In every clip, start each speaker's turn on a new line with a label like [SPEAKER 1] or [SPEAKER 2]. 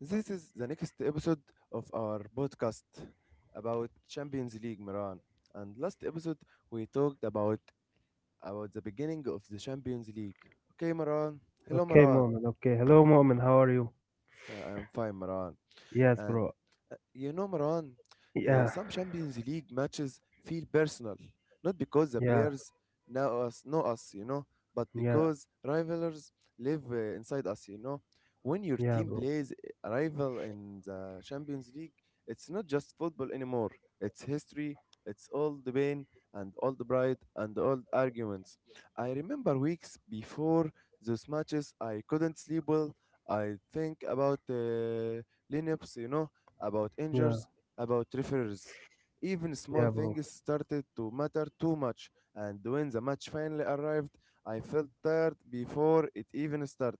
[SPEAKER 1] This is the next episode of our podcast about Champions League, Marwan. And last episode, we talked about the beginning of the Champions League. Okay, Marwan. Hello, Marwan.
[SPEAKER 2] Okay, Mo'min. Okay. Hello, Mo'min. How are you?
[SPEAKER 1] I am fine, Marwan.
[SPEAKER 2] Yes,
[SPEAKER 1] And
[SPEAKER 2] bro.
[SPEAKER 1] you know, Maran,
[SPEAKER 2] Yeah.
[SPEAKER 1] some Champions League matches feel personal, not because the
[SPEAKER 2] Yeah.
[SPEAKER 1] players you know, but
[SPEAKER 2] Yeah.
[SPEAKER 1] because rivalries live inside us, you know. When your
[SPEAKER 2] Yeah,
[SPEAKER 1] team
[SPEAKER 2] bro.
[SPEAKER 1] plays a rival in the Champions League, it's not just football anymore. It's history. It's all the pain and all the pride and all the arguments. I remember weeks before those matches, I couldn't sleep well. I think about lineups, you know, about
[SPEAKER 2] Yeah.
[SPEAKER 1] injuries, about referees. Even small
[SPEAKER 2] Yeah, bro.
[SPEAKER 1] things started to matter too much, and when the match finally arrived, I felt tired before it even started.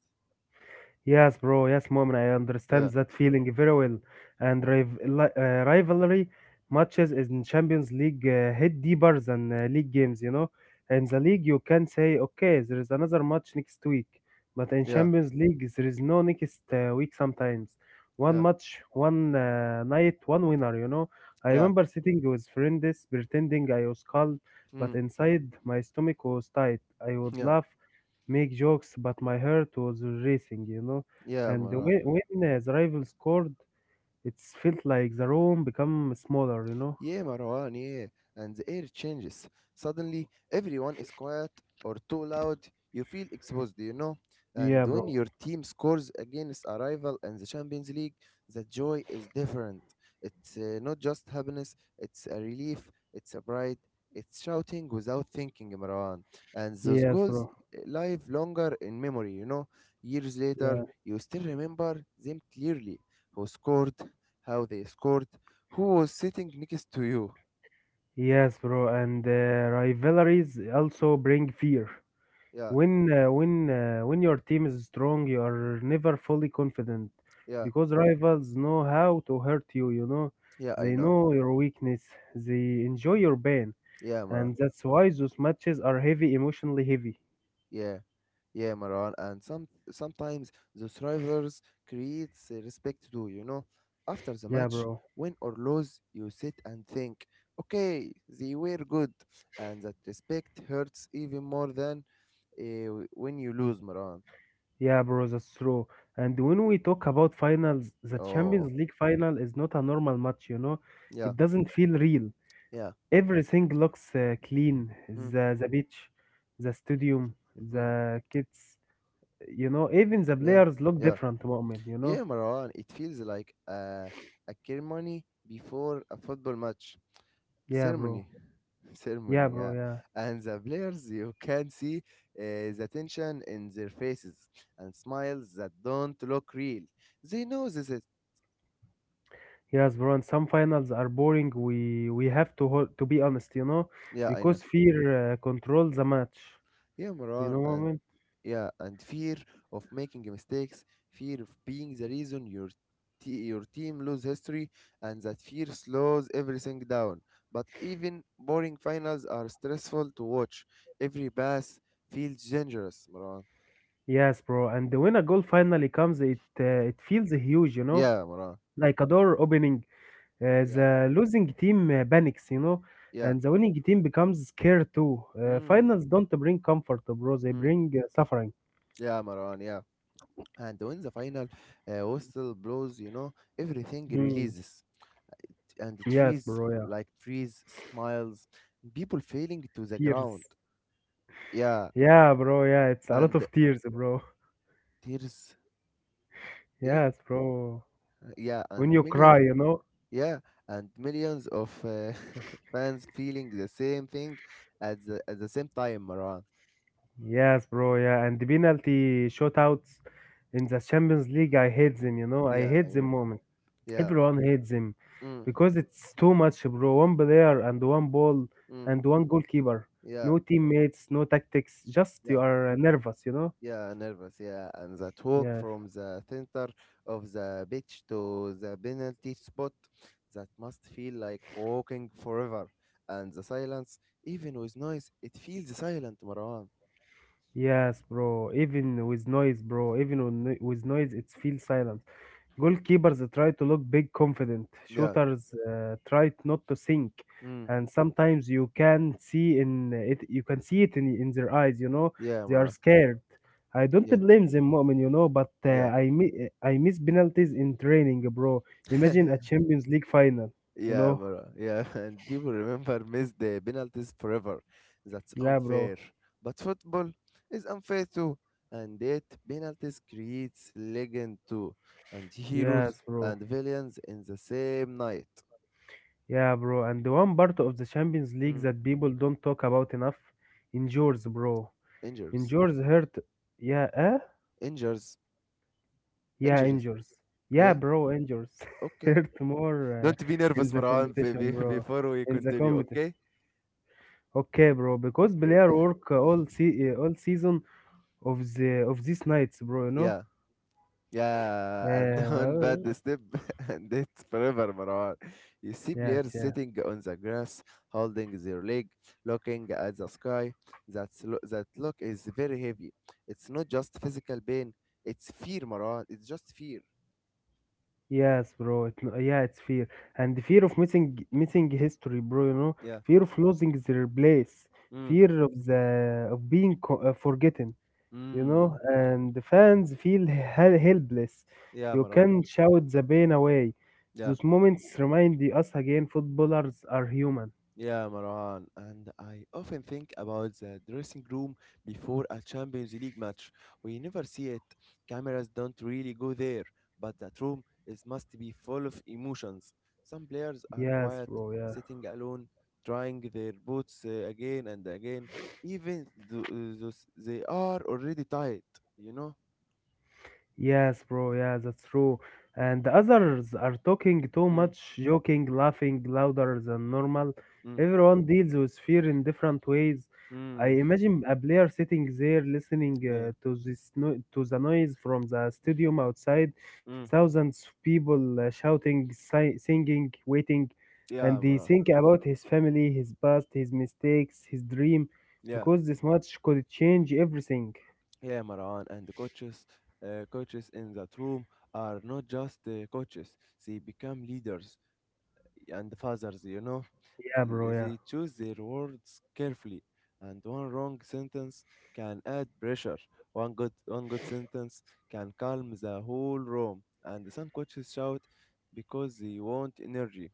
[SPEAKER 2] Yes, bro. Yes, moment. I understand
[SPEAKER 1] Yeah,
[SPEAKER 2] that feeling very well. And rivalry matches in Champions League hit deeper than league games, you know. In the league, you can say, okay, there is another match next week. But in
[SPEAKER 1] yeah,
[SPEAKER 2] Champions League, there is no next week sometimes. One
[SPEAKER 1] yeah,
[SPEAKER 2] match, one night, one winner, you know. I
[SPEAKER 1] yeah,
[SPEAKER 2] remember sitting with friends pretending I was calm, but
[SPEAKER 1] mm,
[SPEAKER 2] inside my stomach was tight. I would
[SPEAKER 1] yeah,
[SPEAKER 2] laugh make jokes, but my heart was racing, you know.
[SPEAKER 1] yeah,
[SPEAKER 2] And the
[SPEAKER 1] Mara.
[SPEAKER 2] way, when the rival scored, it felt like the room become smaller, you know.
[SPEAKER 1] Yeah, Marwan, yeah. And the air changes. Suddenly, everyone is quiet or too loud. You feel exposed, you know?
[SPEAKER 2] Yeah,
[SPEAKER 1] And when
[SPEAKER 2] bro.
[SPEAKER 1] your team scores against a rival in the Champions League, the joy is different. It's not just happiness, it's a relief, it's a pride, it's shouting without thinking, Marwan. And those
[SPEAKER 2] Yes,
[SPEAKER 1] goals
[SPEAKER 2] bro.
[SPEAKER 1] live longer in memory, you know? Years later,
[SPEAKER 2] Yeah.
[SPEAKER 1] you still remember them clearly. Who scored, how they scored, who was sitting next to you.
[SPEAKER 2] Yes, bro. And rivalries also bring fear.
[SPEAKER 1] Yeah,
[SPEAKER 2] When your team is strong, you are never fully confident
[SPEAKER 1] yeah,
[SPEAKER 2] because rivals know how to hurt you, you know.
[SPEAKER 1] yeah, I
[SPEAKER 2] They
[SPEAKER 1] know.
[SPEAKER 2] know your weakness. They enjoy your pain.
[SPEAKER 1] Yeah, Maran.
[SPEAKER 2] And that's why those matches are heavy, emotionally heavy.
[SPEAKER 1] Yeah, yeah, Maran. And sometimes those rivals creates respect too, you know. After the
[SPEAKER 2] Yeah,
[SPEAKER 1] match,
[SPEAKER 2] bro.
[SPEAKER 1] win or lose, you sit and think, okay, they were good. And that respect hurts even more than when you lose, Maran.
[SPEAKER 2] Yeah, bro, that's true. And when we talk about finals, the Champions
[SPEAKER 1] Oh,
[SPEAKER 2] League final is not a normal match, you know?
[SPEAKER 1] yeah,
[SPEAKER 2] It doesn't feel real.
[SPEAKER 1] yeah,
[SPEAKER 2] Everything looks clean.
[SPEAKER 1] mm,
[SPEAKER 2] The beach, the stadium,
[SPEAKER 1] mm,
[SPEAKER 2] the kids, you know, even the
[SPEAKER 1] yeah,
[SPEAKER 2] players look
[SPEAKER 1] yeah.
[SPEAKER 2] different, moment, you
[SPEAKER 1] Yeah,
[SPEAKER 2] know?
[SPEAKER 1] Marwan, it feels like a ceremony before a football match.
[SPEAKER 2] Yeah,
[SPEAKER 1] Ceremony.
[SPEAKER 2] bro. Yeah,
[SPEAKER 1] Ceremony,
[SPEAKER 2] bro,
[SPEAKER 1] yeah.
[SPEAKER 2] yeah.
[SPEAKER 1] And the players, you can see the tension in their faces and smiles that don't look real. They know this is.
[SPEAKER 2] Yes, bro, and some finals are boring. We have to to be honest, you know,
[SPEAKER 1] Yeah, I know.
[SPEAKER 2] because fear controls the match.
[SPEAKER 1] Yeah,
[SPEAKER 2] You
[SPEAKER 1] Maran,
[SPEAKER 2] know what I
[SPEAKER 1] and
[SPEAKER 2] mean?
[SPEAKER 1] yeah, and fear of making mistakes, fear of being the reason your team lose history, and that fear slows everything down. But even boring finals are stressful to watch. Every pass feels dangerous, Maran.
[SPEAKER 2] Yes, bro. And when a goal finally comes, it feels huge, you know,
[SPEAKER 1] Yeah, Maran.
[SPEAKER 2] like a door opening.
[SPEAKER 1] Yeah,
[SPEAKER 2] The losing team panics, you know,
[SPEAKER 1] yeah.
[SPEAKER 2] and the winning team becomes scared too.
[SPEAKER 1] Mm,
[SPEAKER 2] Finals don't bring comfort, bro. They
[SPEAKER 1] mm.
[SPEAKER 2] bring suffering.
[SPEAKER 1] Yeah, Maran. Yeah. And when the final whistle blows, you know everything
[SPEAKER 2] Mm.
[SPEAKER 1] releases. And the
[SPEAKER 2] Yes,
[SPEAKER 1] trees
[SPEAKER 2] bro. Yeah,
[SPEAKER 1] like trees smiles people falling to the
[SPEAKER 2] tears.
[SPEAKER 1] ground, yeah,
[SPEAKER 2] Yeah, bro. Yeah, it's a lot
[SPEAKER 1] and
[SPEAKER 2] of tears, bro.
[SPEAKER 1] tears, yeah,
[SPEAKER 2] Yes, bro.
[SPEAKER 1] yeah,
[SPEAKER 2] When
[SPEAKER 1] and
[SPEAKER 2] you
[SPEAKER 1] millions,
[SPEAKER 2] cry, you know.
[SPEAKER 1] yeah, and millions of fans feeling the same thing at the same time, Marwan.
[SPEAKER 2] Yes, bro. Yeah, and the penalty shootouts in the Champions League, I hate them. You know, I
[SPEAKER 1] Yeah,
[SPEAKER 2] hate
[SPEAKER 1] I
[SPEAKER 2] them
[SPEAKER 1] know,
[SPEAKER 2] moment.
[SPEAKER 1] yeah,
[SPEAKER 2] Everyone hates him
[SPEAKER 1] mm,
[SPEAKER 2] because it's too much, bro. One player and one ball
[SPEAKER 1] mm,
[SPEAKER 2] and one goalkeeper.
[SPEAKER 1] yeah,
[SPEAKER 2] No teammates, no tactics. Just
[SPEAKER 1] yeah.
[SPEAKER 2] you are nervous, you know?
[SPEAKER 1] Yeah, nervous. Yeah, and that walk
[SPEAKER 2] Yes,
[SPEAKER 1] from the center of the pitch to the penalty spot, that must feel like walking forever. And the silence, even with noise, it feels silent, Marwan.
[SPEAKER 2] yes, bro. Even with noise, bro. Even with noise, it feels silent. Goalkeepers try to look big, confident.
[SPEAKER 1] Yeah.
[SPEAKER 2] Shooters try not to sink,
[SPEAKER 1] Mm.
[SPEAKER 2] and sometimes you can see in it. You can see it in their eyes. You know
[SPEAKER 1] Yeah,
[SPEAKER 2] they are
[SPEAKER 1] Marwan.
[SPEAKER 2] scared. I don't
[SPEAKER 1] Yeah.
[SPEAKER 2] blame them, Mu'min, you know, but
[SPEAKER 1] Yeah.
[SPEAKER 2] I miss penalties in training, bro. Imagine a Champions League final, you
[SPEAKER 1] Yeah,
[SPEAKER 2] know?
[SPEAKER 1] bro. Yeah, and people remember missed the penalties forever. That's
[SPEAKER 2] Yeah, bro.
[SPEAKER 1] unfair. But football is unfair too, and yet penalties creates legend too, and heroes
[SPEAKER 2] Yes, bro.
[SPEAKER 1] and villains in the same night.
[SPEAKER 2] Yeah, bro. And the one part of the Champions League
[SPEAKER 1] Mm.
[SPEAKER 2] that people don't talk about enough, injuries, bro.
[SPEAKER 1] Injuries,
[SPEAKER 2] Injuries hurt. Yeah, eh?
[SPEAKER 1] injuries,
[SPEAKER 2] Yeah,
[SPEAKER 1] injuries.
[SPEAKER 2] injures. Yeah,
[SPEAKER 1] Yeah.
[SPEAKER 2] bro, injures.
[SPEAKER 1] Okay.
[SPEAKER 2] Hurt more
[SPEAKER 1] Don't be
[SPEAKER 2] in
[SPEAKER 1] nervous,
[SPEAKER 2] the
[SPEAKER 1] Marwan,
[SPEAKER 2] competition, bro.
[SPEAKER 1] before we
[SPEAKER 2] In the
[SPEAKER 1] continue.
[SPEAKER 2] competition.
[SPEAKER 1] Okay.
[SPEAKER 2] Okay, bro, because
[SPEAKER 1] Okay.
[SPEAKER 2] player work all season of these nights, bro. You know.
[SPEAKER 1] Yeah. Yeah, and one
[SPEAKER 2] Uh,
[SPEAKER 1] bad step, and it's forever, Marwan. You see
[SPEAKER 2] yes,
[SPEAKER 1] players
[SPEAKER 2] yes,
[SPEAKER 1] sitting on the grass, holding their leg, looking at the sky. That look is very heavy. It's not just physical pain, it's fear, Marwan. It's just fear.
[SPEAKER 2] yes, bro. It, no- Yeah, it's fear and the fear of missing history, bro. You know,
[SPEAKER 1] Yeah.
[SPEAKER 2] fear of losing their place,
[SPEAKER 1] Mm.
[SPEAKER 2] fear of the of being forgotten. You know,
[SPEAKER 1] Mm.
[SPEAKER 2] and the fans feel helpless.
[SPEAKER 1] Yeah,
[SPEAKER 2] You
[SPEAKER 1] Marwan.
[SPEAKER 2] can shout the pain away.
[SPEAKER 1] Yeah.
[SPEAKER 2] Those moments remind us again footballers are human.
[SPEAKER 1] Yeah, Marwan, and I often think about the dressing room before a Champions League match. We never see it. Cameras don't really go there, but that room is must be full of emotions. Some players are
[SPEAKER 2] Yes,
[SPEAKER 1] quiet,
[SPEAKER 2] bro, yeah.
[SPEAKER 1] sitting alone, trying their boots again and again, even though those they are already tired, you know?
[SPEAKER 2] Yes, bro. Yeah, that's true. And the others are talking too
[SPEAKER 1] Mm,
[SPEAKER 2] much, joking, laughing louder than normal.
[SPEAKER 1] mm,
[SPEAKER 2] Everyone deals with fear in different ways. I
[SPEAKER 1] mm,
[SPEAKER 2] imagine a player sitting there listening
[SPEAKER 1] yeah,
[SPEAKER 2] to this no- to the noise from the stadium outside,
[SPEAKER 1] mm,
[SPEAKER 2] thousands of people shouting, singing, waiting, and
[SPEAKER 1] yeah,
[SPEAKER 2] he
[SPEAKER 1] Marwan,
[SPEAKER 2] think about his family, his past, his mistakes, his dream,
[SPEAKER 1] yeah.
[SPEAKER 2] because this match could change everything.
[SPEAKER 1] Yeah, Maran, and the coaches, coaches in that room are not just coaches. They become leaders and fathers. You know,
[SPEAKER 2] Yeah, bro. Yeah.
[SPEAKER 1] They choose their words carefully, and one wrong sentence can add pressure. One good sentence can calm the whole room. And some coaches shout because they want energy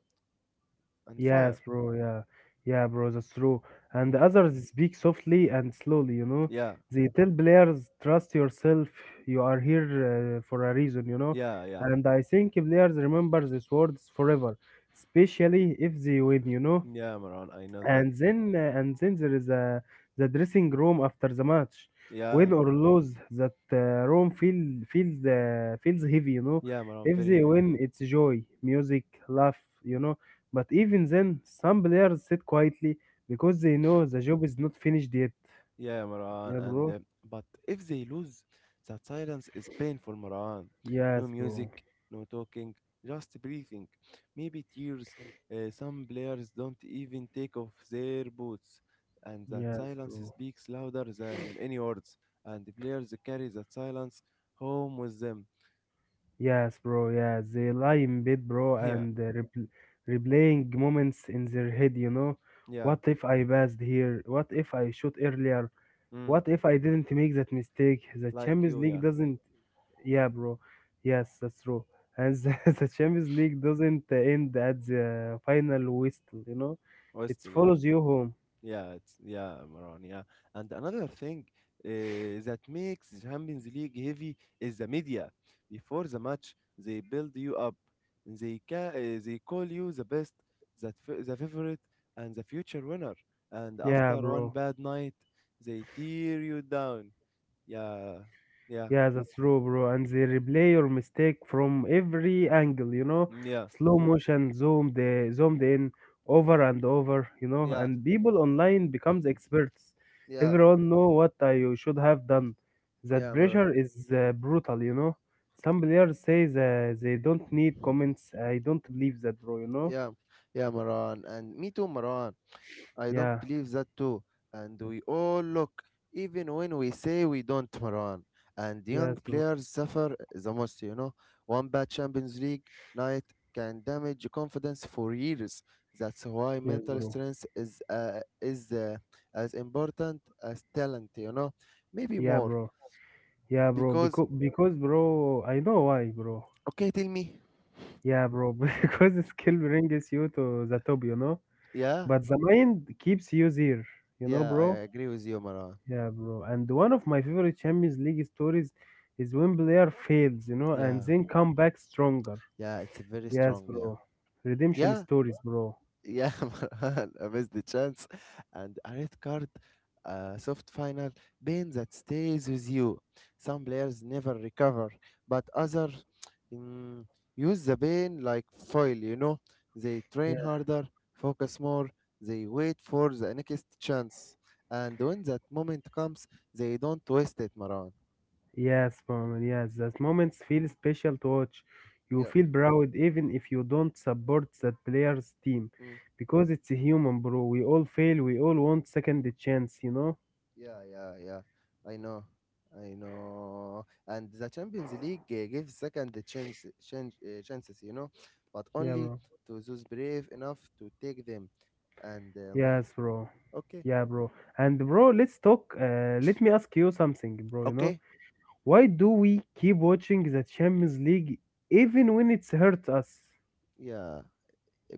[SPEAKER 1] and fire.
[SPEAKER 2] Yes, bro. Yeah, yeah, bro. That's true. And
[SPEAKER 1] Mm.
[SPEAKER 2] the others speak softly and slowly. You know,
[SPEAKER 1] Yeah,
[SPEAKER 2] they tell players, "Trust yourself. You are here for a reason." You know,
[SPEAKER 1] yeah, yeah,
[SPEAKER 2] and I think players remember these words forever, especially if they win. You know,
[SPEAKER 1] yeah, Maran. I know that.
[SPEAKER 2] and then there is a the dressing room after the match,
[SPEAKER 1] Yeah,
[SPEAKER 2] win or lose. That room feel feels heavy, you know.
[SPEAKER 1] yeah, Maran,
[SPEAKER 2] If
[SPEAKER 1] very
[SPEAKER 2] they
[SPEAKER 1] heavy.
[SPEAKER 2] win, it's joy, music, laugh, you know, but even then some players sit quietly because they know the job is not finished yet.
[SPEAKER 1] Yeah, Marwan.
[SPEAKER 2] Yeah,
[SPEAKER 1] And
[SPEAKER 2] bro.
[SPEAKER 1] but if they lose, that silence is painful, Marwan. No
[SPEAKER 2] Yes,
[SPEAKER 1] music,
[SPEAKER 2] bro.
[SPEAKER 1] no talking, just breathing. Maybe tears. Some players don't even take off their boots, and that
[SPEAKER 2] Yes,
[SPEAKER 1] silence
[SPEAKER 2] bro.
[SPEAKER 1] speaks louder than any words. And the players carry that silence home with them.
[SPEAKER 2] Yes, bro. Yeah, they lie in bed, bro,
[SPEAKER 1] Yeah,
[SPEAKER 2] and replaying moments in their head, you know.
[SPEAKER 1] yeah.
[SPEAKER 2] What if I passed here? What if I shot earlier?
[SPEAKER 1] Mm,
[SPEAKER 2] What if I didn't make that mistake? The
[SPEAKER 1] like
[SPEAKER 2] Champions
[SPEAKER 1] you,
[SPEAKER 2] League
[SPEAKER 1] yeah.
[SPEAKER 2] doesn't. Yeah, bro. Yes, that's true. And the Champions League doesn't end at the final whistle, you know. It
[SPEAKER 1] Westel, yeah.
[SPEAKER 2] follows you home.
[SPEAKER 1] Yeah, it's yeah, Maran, yeah. And another thing that makes the Champions League heavy is the media. Before the match, they build you up. They call you the best, the favorite, and the future winner. And
[SPEAKER 2] Yeah,
[SPEAKER 1] after one
[SPEAKER 2] bro.
[SPEAKER 1] bad night, they tear you down. Yeah, yeah,
[SPEAKER 2] Yeah, that's true, bro. And they replay your mistake from every angle, you know,
[SPEAKER 1] yeah,
[SPEAKER 2] slow motion, zoomed in, over and over, you know.
[SPEAKER 1] yeah,
[SPEAKER 2] And people online becomes experts.
[SPEAKER 1] yeah,
[SPEAKER 2] Everyone know what I should have done. That
[SPEAKER 1] yeah, Maran.
[SPEAKER 2] pressure is brutal, you know. Some players say that they don't need comments. I don't believe that, bro. You know.
[SPEAKER 1] Yeah, yeah, Maran. And me too, Maran. I don't
[SPEAKER 2] Yeah.
[SPEAKER 1] believe that too. And we all look, even when we say we don't, Marwan. And young
[SPEAKER 2] Yes, bro.
[SPEAKER 1] players suffer the most, you know. One bad Champions League night can damage confidence for years. That's why
[SPEAKER 2] Yes,
[SPEAKER 1] mental
[SPEAKER 2] bro.
[SPEAKER 1] strength is as important as talent, you know. Maybe
[SPEAKER 2] Yeah,
[SPEAKER 1] more
[SPEAKER 2] bro. Yeah, bro.
[SPEAKER 1] because
[SPEAKER 2] Because, bro, I know why, bro.
[SPEAKER 1] okay, tell me.
[SPEAKER 2] Yeah, bro, because the skill brings you to the top, you know,
[SPEAKER 1] Yeah,
[SPEAKER 2] but the mind keeps you there, you know,
[SPEAKER 1] I
[SPEAKER 2] bro.
[SPEAKER 1] agree with you, Marwan.
[SPEAKER 2] Yeah, bro. And one of my favorite Champions League stories is when player fails, you know, and
[SPEAKER 1] Yeah,
[SPEAKER 2] then come back stronger.
[SPEAKER 1] yeah, it's very
[SPEAKER 2] Yes,
[SPEAKER 1] strong. Yeah,
[SPEAKER 2] bro. Redemption
[SPEAKER 1] yeah.
[SPEAKER 2] stories, bro.
[SPEAKER 1] Yeah, Marhan, I missed the chance. And a red card, a soft final, pain that stays with you. Some players never recover, but others mm, use the pain like foil, you know? They train
[SPEAKER 2] Yeah.
[SPEAKER 1] harder, focus more, they wait for the next chance. And when that moment comes, they don't waste it, Marhan.
[SPEAKER 2] Yes, moment. Yes, that moments feel special to watch. You
[SPEAKER 1] Yeah.
[SPEAKER 2] feel proud even if you don't support that player's team,
[SPEAKER 1] Mm.
[SPEAKER 2] because it's a human, bro. We all fail. We all want second chance, you know.
[SPEAKER 1] Yeah, yeah, yeah. I know. I know. And the Champions League gives second chances, you know, but
[SPEAKER 2] Yeah,
[SPEAKER 1] only
[SPEAKER 2] bro.
[SPEAKER 1] to those brave enough to take them. And
[SPEAKER 2] Yes, bro.
[SPEAKER 1] okay,
[SPEAKER 2] Yeah, bro. And bro, let's talk. Let me ask you something, bro. You know,
[SPEAKER 1] okay,
[SPEAKER 2] why do we keep watching the Champions League even when it's hurt us?
[SPEAKER 1] yeah.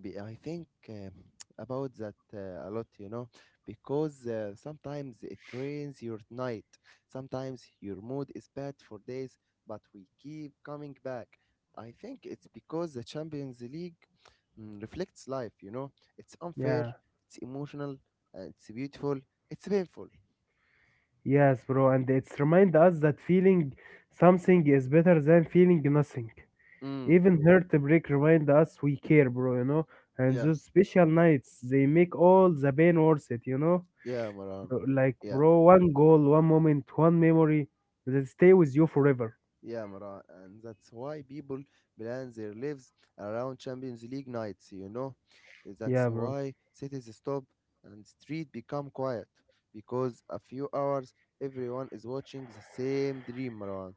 [SPEAKER 1] I think about that a lot, you know, because sometimes it rains your night, sometimes your mood is bad for days, but we keep coming back. I think it's because the Champions League mm, reflects life, you know, it's unfair,
[SPEAKER 2] Yeah.
[SPEAKER 1] it's emotional, it's beautiful, it's painful.
[SPEAKER 2] Yes, bro. And it's remind us that feeling something is better than feeling nothing.
[SPEAKER 1] Mm,
[SPEAKER 2] Even heartbreak remind us we care, bro. You know. And
[SPEAKER 1] yeah,
[SPEAKER 2] those special nights, they make all the pain worth it. You know,
[SPEAKER 1] yeah, Maran,
[SPEAKER 2] like
[SPEAKER 1] yeah.
[SPEAKER 2] bro, one goal, one moment, one memory that stay with you forever.
[SPEAKER 1] Yeah, Maran, and that's why people plan their lives around Champions League nights, you know. That's
[SPEAKER 2] Yeah, bro.
[SPEAKER 1] why cities stop and street become quiet because a few hours everyone is watching the same dream, Maran.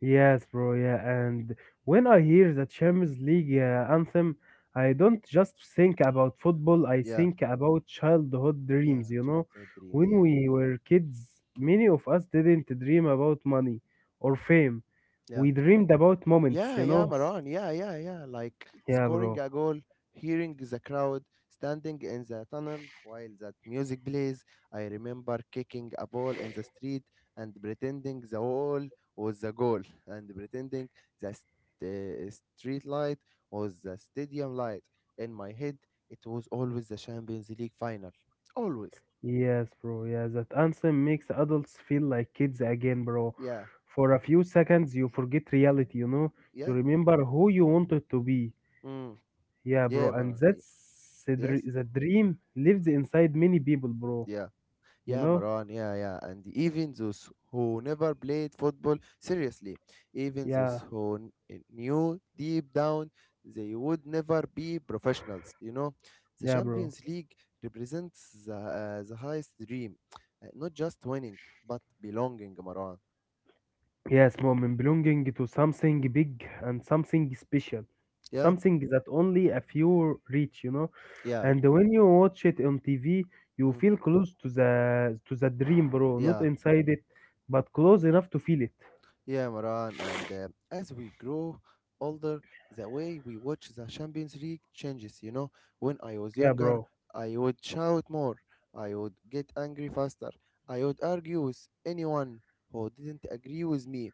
[SPEAKER 2] Yes, bro. Yeah, and when I hear the Champions League anthem, I don't just think about football. I
[SPEAKER 1] Yeah,
[SPEAKER 2] think about childhood
[SPEAKER 1] yeah,
[SPEAKER 2] dreams. You know,
[SPEAKER 1] childhood dreams, yeah,
[SPEAKER 2] when we were kids, many of us didn't dream about money or fame.
[SPEAKER 1] yeah.
[SPEAKER 2] We dreamed about moments.
[SPEAKER 1] Yeah,
[SPEAKER 2] You
[SPEAKER 1] yeah,
[SPEAKER 2] know. Yes.
[SPEAKER 1] Maran. Yeah, yeah, yeah. Like
[SPEAKER 2] Yeah, bro.
[SPEAKER 1] scoring a goal, hearing the crowd, standing in the tunnel while that music plays. I remember kicking a ball in the street and pretending the wall was the goal and pretending the st- eh, street light was the stadium light. In my head, it was always the Champions League final. Always.
[SPEAKER 2] Yes, bro. Yeah, that anthem makes adults feel like kids again, bro.
[SPEAKER 1] Yeah,
[SPEAKER 2] For a few seconds, you forget reality. You know, you
[SPEAKER 1] yeah.
[SPEAKER 2] remember who you wanted to be.
[SPEAKER 1] Mm.
[SPEAKER 2] Yeah, bro,
[SPEAKER 1] Yeah,
[SPEAKER 2] and
[SPEAKER 1] Maran.
[SPEAKER 2] that's
[SPEAKER 1] Yes.
[SPEAKER 2] the dream lives inside many people, bro.
[SPEAKER 1] Yeah.
[SPEAKER 2] You
[SPEAKER 1] Yeah,
[SPEAKER 2] know?
[SPEAKER 1] Maran, yeah, yeah. And even those who never played football, seriously, even those
[SPEAKER 2] Yeah,
[SPEAKER 1] knew deep down they would never be professionals, you know. The
[SPEAKER 2] yeah, bro.
[SPEAKER 1] Champions League represents the highest dream. Not just winning, but belonging, Maran.
[SPEAKER 2] Yes, moment, belonging to something big and something special,
[SPEAKER 1] Yeah,
[SPEAKER 2] something that only a few reach, you know.
[SPEAKER 1] yeah,
[SPEAKER 2] And when you watch it on TV, you
[SPEAKER 1] mm,
[SPEAKER 2] feel close to the dream, bro. Not
[SPEAKER 1] yeah.
[SPEAKER 2] inside it, but close enough to feel it.
[SPEAKER 1] Yeah, Maran, and as we grow older, the way we watch the Champions League changes. You know, when I was
[SPEAKER 2] Yeah,
[SPEAKER 1] younger,
[SPEAKER 2] bro.
[SPEAKER 1] I would shout more, I would get angry faster, I would argue with anyone who didn't agree with me.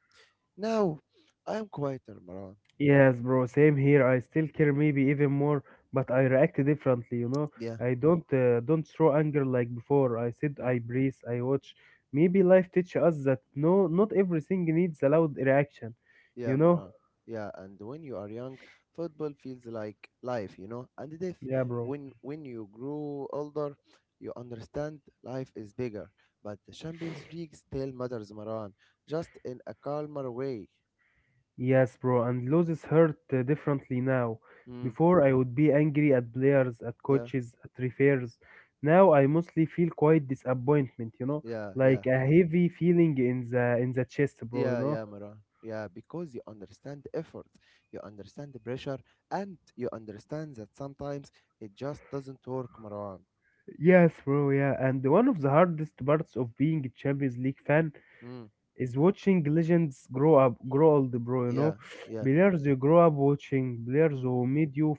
[SPEAKER 1] Now, I am quieter, Maran.
[SPEAKER 2] Yes, bro, same here. I still care, maybe even more, but I react differently, you know.
[SPEAKER 1] Yeah.
[SPEAKER 2] I don't throw anger like before. I said
[SPEAKER 1] Mm.
[SPEAKER 2] I breathe, I watch. Maybe life teaches us that no, not everything needs a loud reaction,
[SPEAKER 1] Yeah,
[SPEAKER 2] you know?
[SPEAKER 1] Mara. Yeah, and when you are young, football feels like life, you know. And death.
[SPEAKER 2] Yeah, bro.
[SPEAKER 1] When you grow older, you understand life is bigger. But the Champions League still matters, Maran. Just in a calmer way.
[SPEAKER 2] Yes, bro, and losses hurt differently now.
[SPEAKER 1] Mm,
[SPEAKER 2] Before I would be angry at players, at
[SPEAKER 1] yeah,
[SPEAKER 2] coaches, at refers. Now I mostly feel quite disappointment, you know,
[SPEAKER 1] yeah, yeah,
[SPEAKER 2] like a heavy feeling in the chest, bro, you
[SPEAKER 1] yeah,
[SPEAKER 2] know.
[SPEAKER 1] yeah, Maran. Yeah, because you understand the effort, you understand the pressure, and you understand that sometimes it just doesn't work, Maran.
[SPEAKER 2] Yes, bro, yeah. And one of the hardest parts of being a Champions League fan
[SPEAKER 1] Mm,
[SPEAKER 2] is watching legends grow old, bro, you know.
[SPEAKER 1] yeah, yeah,
[SPEAKER 2] Players you grow up watching, players
[SPEAKER 1] mm,
[SPEAKER 2] who made you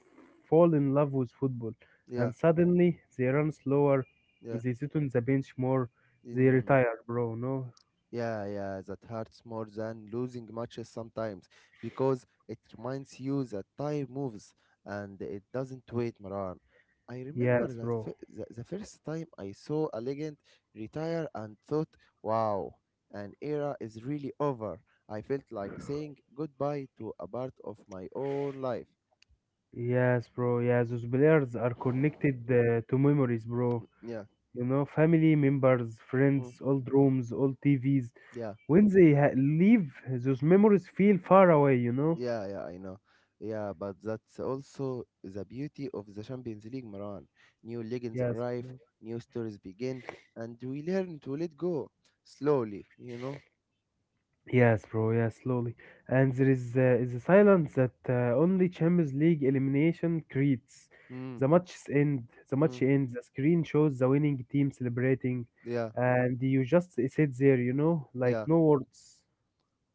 [SPEAKER 2] fall in love with football. And
[SPEAKER 1] yeah,
[SPEAKER 2] suddenly they run slower,
[SPEAKER 1] yeah.
[SPEAKER 2] they sit on the bench more, they
[SPEAKER 1] Mm.
[SPEAKER 2] retire, bro, no?
[SPEAKER 1] Yeah, yeah, that hurts more than losing matches sometimes because it reminds you that time moves and it doesn't wait, Maran. I remember
[SPEAKER 2] Yes, bro.
[SPEAKER 1] the first time I saw a legend retire and thought, wow, an era is really over. I felt like saying goodbye to a part of my own life.
[SPEAKER 2] Yes, bro. Yeah, those players are connected to memories, bro.
[SPEAKER 1] Yeah,
[SPEAKER 2] You know, family members,
[SPEAKER 1] mm,
[SPEAKER 2] friends, old rooms, old TVs.
[SPEAKER 1] yeah.
[SPEAKER 2] When leave, those memories feel far away, you know?
[SPEAKER 1] Yeah, yeah, I know. Yeah, but that's also the beauty of the Champions League, Maran. New legends
[SPEAKER 2] Yes,
[SPEAKER 1] arrive,
[SPEAKER 2] bro.
[SPEAKER 1] new stories begin, and we learn to let go slowly, you know?
[SPEAKER 2] Yes, bro. Yes, slowly. And there is, a silence that only Champions League elimination creates.
[SPEAKER 1] Mm,
[SPEAKER 2] The
[SPEAKER 1] mm,
[SPEAKER 2] match ends. The screen shows the winning team celebrating,
[SPEAKER 1] yeah,
[SPEAKER 2] and you just sit there, you know, like
[SPEAKER 1] yeah,
[SPEAKER 2] no words.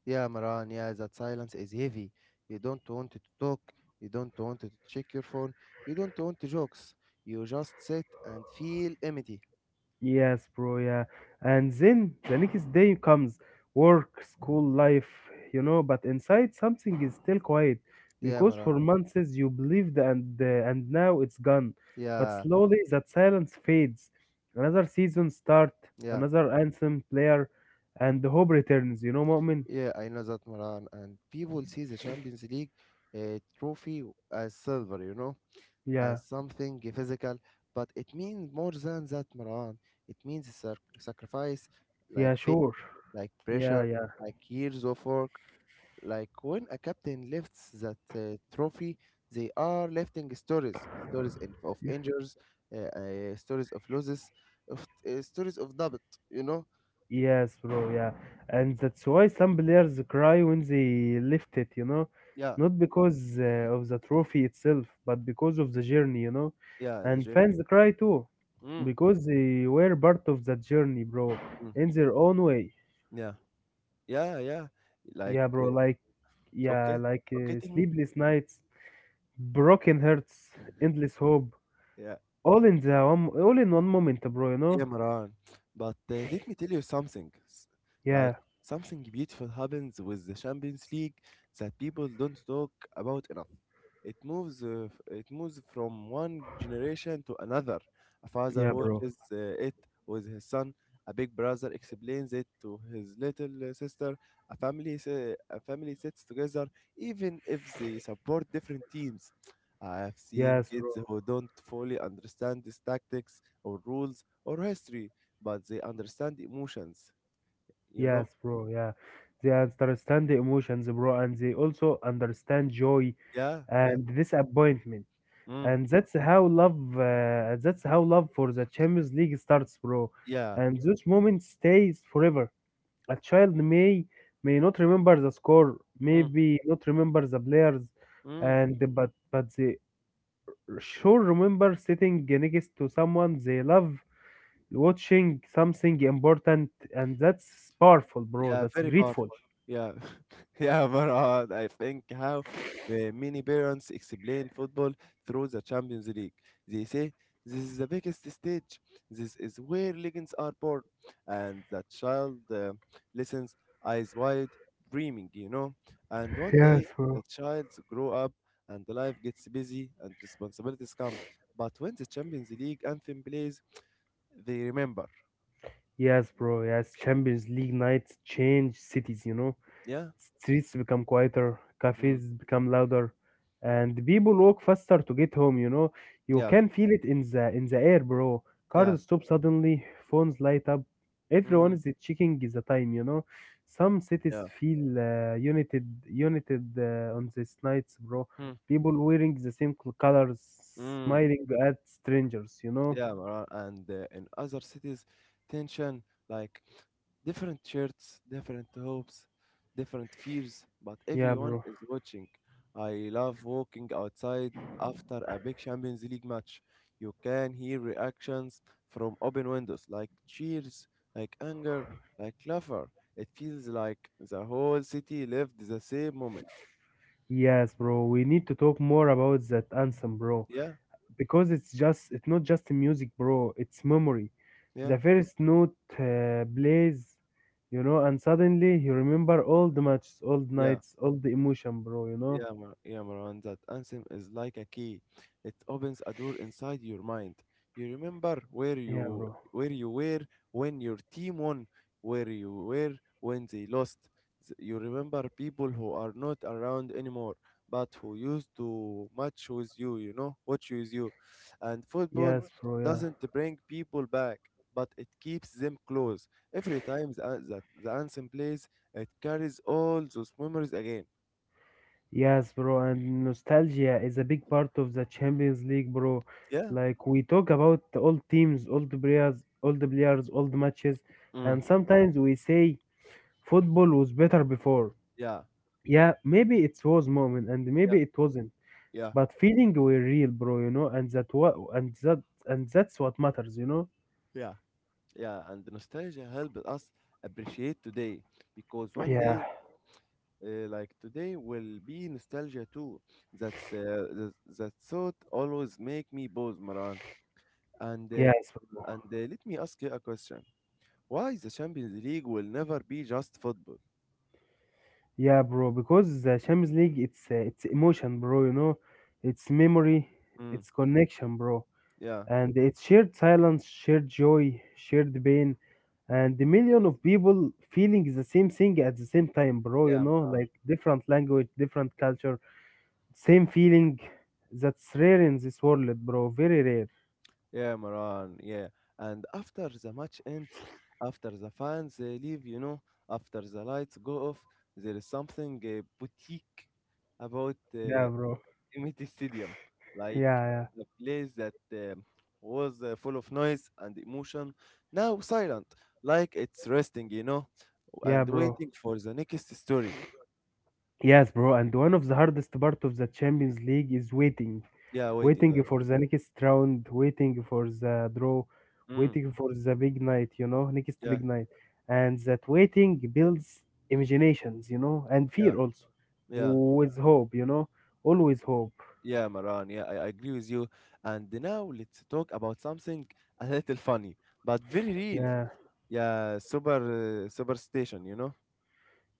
[SPEAKER 1] yeah, Maran. Yeah, that silence is heavy. You don't want to talk, you don't want to check your phone, you don't want to jokes. You just sit and feel empty.
[SPEAKER 2] Yes, bro, yeah. And then the next day comes, work, school, life, you know, but inside something is still quiet
[SPEAKER 1] Yeah,
[SPEAKER 2] because
[SPEAKER 1] Maran.
[SPEAKER 2] for months you believed, and now it's gone. But
[SPEAKER 1] Yeah,
[SPEAKER 2] slowly that silence fades. Another season start,
[SPEAKER 1] yeah.
[SPEAKER 2] another anthem player, and the hope returns, you know, moment.
[SPEAKER 1] Yeah, I know that, Maran. And people see the Champions League trophy as silver, you know,
[SPEAKER 2] Yeah,
[SPEAKER 1] as something physical. But it means more than that, Maran. It means sacrifice,
[SPEAKER 2] yeah,
[SPEAKER 1] like pain,
[SPEAKER 2] sure.
[SPEAKER 1] like
[SPEAKER 2] Yeah,
[SPEAKER 1] pressure,
[SPEAKER 2] yeah.
[SPEAKER 1] like years of work. Like when a captain lifts that trophy, they are lifting stories, of injuries, uh, stories of losses, of stories of doubt. You know?
[SPEAKER 2] Yes, bro, yeah. And that's why some players cry when they lift it, you know,
[SPEAKER 1] Yeah,
[SPEAKER 2] not because of the trophy itself, but because of the journey, you know.
[SPEAKER 1] yeah,
[SPEAKER 2] And fans cry too,
[SPEAKER 1] Mm,
[SPEAKER 2] because they were part of that journey, bro,
[SPEAKER 1] mm,
[SPEAKER 2] in their own way.
[SPEAKER 1] yeah. Yeah, yeah, like,
[SPEAKER 2] Yeah, bro, like, yeah,
[SPEAKER 1] okay, okay, take me.
[SPEAKER 2] sleepless nights, broken hearts, endless hope,
[SPEAKER 1] Yeah,
[SPEAKER 2] all in one moment, bro, you
[SPEAKER 1] yeah,
[SPEAKER 2] know.
[SPEAKER 1] Maran. But let me tell you something. Like
[SPEAKER 2] Yeah,
[SPEAKER 1] something beautiful happens with the Champions League that people don't talk about enough. It moves, it moves from one generation to another. A father
[SPEAKER 2] yeah, bro.
[SPEAKER 1] watches it with his son. A big brother explains it to his little sister. A family, a family sits together, even if they support different teams. I have seen
[SPEAKER 2] Yes, bro.
[SPEAKER 1] kids who don't fully understand these tactics or rules or history, but they understand emotions, you know?
[SPEAKER 2] Yes, bro. Yeah, they understand the emotions, bro, and they also understand joy
[SPEAKER 1] Yeah, yeah.
[SPEAKER 2] and disappointment.
[SPEAKER 1] Mm,
[SPEAKER 2] And that's how love. That's how love for the Champions League starts, bro.
[SPEAKER 1] yeah.
[SPEAKER 2] And those moments stays forever. A child may not remember the score,
[SPEAKER 1] Mm,
[SPEAKER 2] maybe not remember the players,
[SPEAKER 1] mm.
[SPEAKER 2] and but they sure remember sitting next to someone they love, watching something important, and that's powerful, bro.
[SPEAKER 1] Yeah,
[SPEAKER 2] That's
[SPEAKER 1] very
[SPEAKER 2] grateful.
[SPEAKER 1] powerful. Yeah, yeah, Marad. I think how many parents explain football through the Champions League. They say this is the biggest stage. This is where legends are born, and the child listens eyes wide, dreaming. You know, and one
[SPEAKER 2] Yes,
[SPEAKER 1] day
[SPEAKER 2] bro.
[SPEAKER 1] the child grow up, and life gets busy, and responsibilities come. But when the Champions League anthem plays, they remember.
[SPEAKER 2] Yes, bro. Yes, Champions League nights change cities, you know.
[SPEAKER 1] Yeah,
[SPEAKER 2] Streets become quieter,
[SPEAKER 1] mm,
[SPEAKER 2] cafes become louder, and people walk faster to get home, you know. You
[SPEAKER 1] yeah,
[SPEAKER 2] can feel it in the air, bro.
[SPEAKER 1] yeah,
[SPEAKER 2] Cars stop suddenly, phones light up. Everyone
[SPEAKER 1] mm,
[SPEAKER 2] is checking the time, you know. Some cities
[SPEAKER 1] yeah.
[SPEAKER 2] feel united on these nights, bro.
[SPEAKER 1] Hmm.
[SPEAKER 2] People wearing the same colors,
[SPEAKER 1] Mm,
[SPEAKER 2] smiling at strangers, you know.
[SPEAKER 1] yeah, Maran, and in other cities, tension, like different shirts, different hopes, different fears, but
[SPEAKER 2] Yeah,
[SPEAKER 1] everyone
[SPEAKER 2] bro.
[SPEAKER 1] is watching. I love walking outside after a big Champions League match. You can hear reactions from open windows, like cheers, like anger, like laughter. It feels like the whole city lived the same moment.
[SPEAKER 2] Yes, bro. We need to talk more about that anthem, bro,
[SPEAKER 1] Yeah,
[SPEAKER 2] because it's not just music, bro. It's memory.
[SPEAKER 1] yeah,
[SPEAKER 2] The first note plays, you know, and suddenly you remember all the matches, all the
[SPEAKER 1] yeah.
[SPEAKER 2] nights, all the emotion, bro. You know?
[SPEAKER 1] Yeah, Marwan, that anthem is like a key. It opens a door inside your mind. You remember
[SPEAKER 2] Yeah, bro.
[SPEAKER 1] where you were when your team won, where you were when they lost. You remember people who are not around anymore, but who used to match with you, you know, watch with you. And football
[SPEAKER 2] Yes, bro. Yeah.
[SPEAKER 1] doesn't bring people back, but it keeps them close. Every time the, an- that the anthem plays, it carries all those memories again.
[SPEAKER 2] Yes, bro. And nostalgia is a big part of the Champions League, bro.
[SPEAKER 1] Yeah.
[SPEAKER 2] Like we talk about all teams, all the players, all the matches,
[SPEAKER 1] Mm.
[SPEAKER 2] and sometimes we say football was better before.
[SPEAKER 1] Yeah,
[SPEAKER 2] Yeah, maybe it was moment and
[SPEAKER 1] yeah,
[SPEAKER 2] maybe it wasn't.
[SPEAKER 1] yeah,
[SPEAKER 2] But feeling were real, bro, you know, and that's what matters, you know?
[SPEAKER 1] yeah, yeah. And the nostalgia helped us appreciate today because one
[SPEAKER 2] Yeah.
[SPEAKER 1] day, like today, will be nostalgia too. That's uh, that, that thought always make me pause, Maran. And
[SPEAKER 2] Yes, bro.
[SPEAKER 1] let me ask you a question: why the Champions League will never be just football?
[SPEAKER 2] Yeah, bro, because the Champions League it's emotion, bro, you know. It's memory,
[SPEAKER 1] Mm.
[SPEAKER 2] it's connection, bro.
[SPEAKER 1] Yeah,
[SPEAKER 2] And it's shared silence, shared joy, shared pain, and the million of people feeling the same thing at the same time, bro, you
[SPEAKER 1] yeah,
[SPEAKER 2] know,
[SPEAKER 1] Maran.
[SPEAKER 2] like different language, different culture. Same feeling that's rare in this world, bro. Very rare.
[SPEAKER 1] Yeah, Maran. Yeah. And after the match ends, after the fans they leave, you know, after the lights go off, there is something boutique about
[SPEAKER 2] Yeah, bro.
[SPEAKER 1] Emirates Stadium,
[SPEAKER 2] Yeah,
[SPEAKER 1] like
[SPEAKER 2] yeah,
[SPEAKER 1] the place that was full of noise and emotion, now silent, like it's resting, you know,
[SPEAKER 2] yeah,
[SPEAKER 1] and
[SPEAKER 2] bro.
[SPEAKER 1] waiting for the next story.
[SPEAKER 2] Yes, bro. And one of the hardest part of the Champions League is waiting,
[SPEAKER 1] Yeah, waiting.
[SPEAKER 2] waiting
[SPEAKER 1] Yeah.
[SPEAKER 2] for the next round, waiting for the draw,
[SPEAKER 1] Mm,
[SPEAKER 2] waiting for the big night. You know, next
[SPEAKER 1] yeah.
[SPEAKER 2] big night. And that waiting builds imaginations, you know, and
[SPEAKER 1] Yeah.
[SPEAKER 2] fear also,
[SPEAKER 1] Yeah.
[SPEAKER 2] with hope, you know, always hope.
[SPEAKER 1] Yeah, Maran, yeah, I agree with you. And now let's talk about something a little funny, but very real.
[SPEAKER 2] Yeah,
[SPEAKER 1] Yeah, super superstition, you know.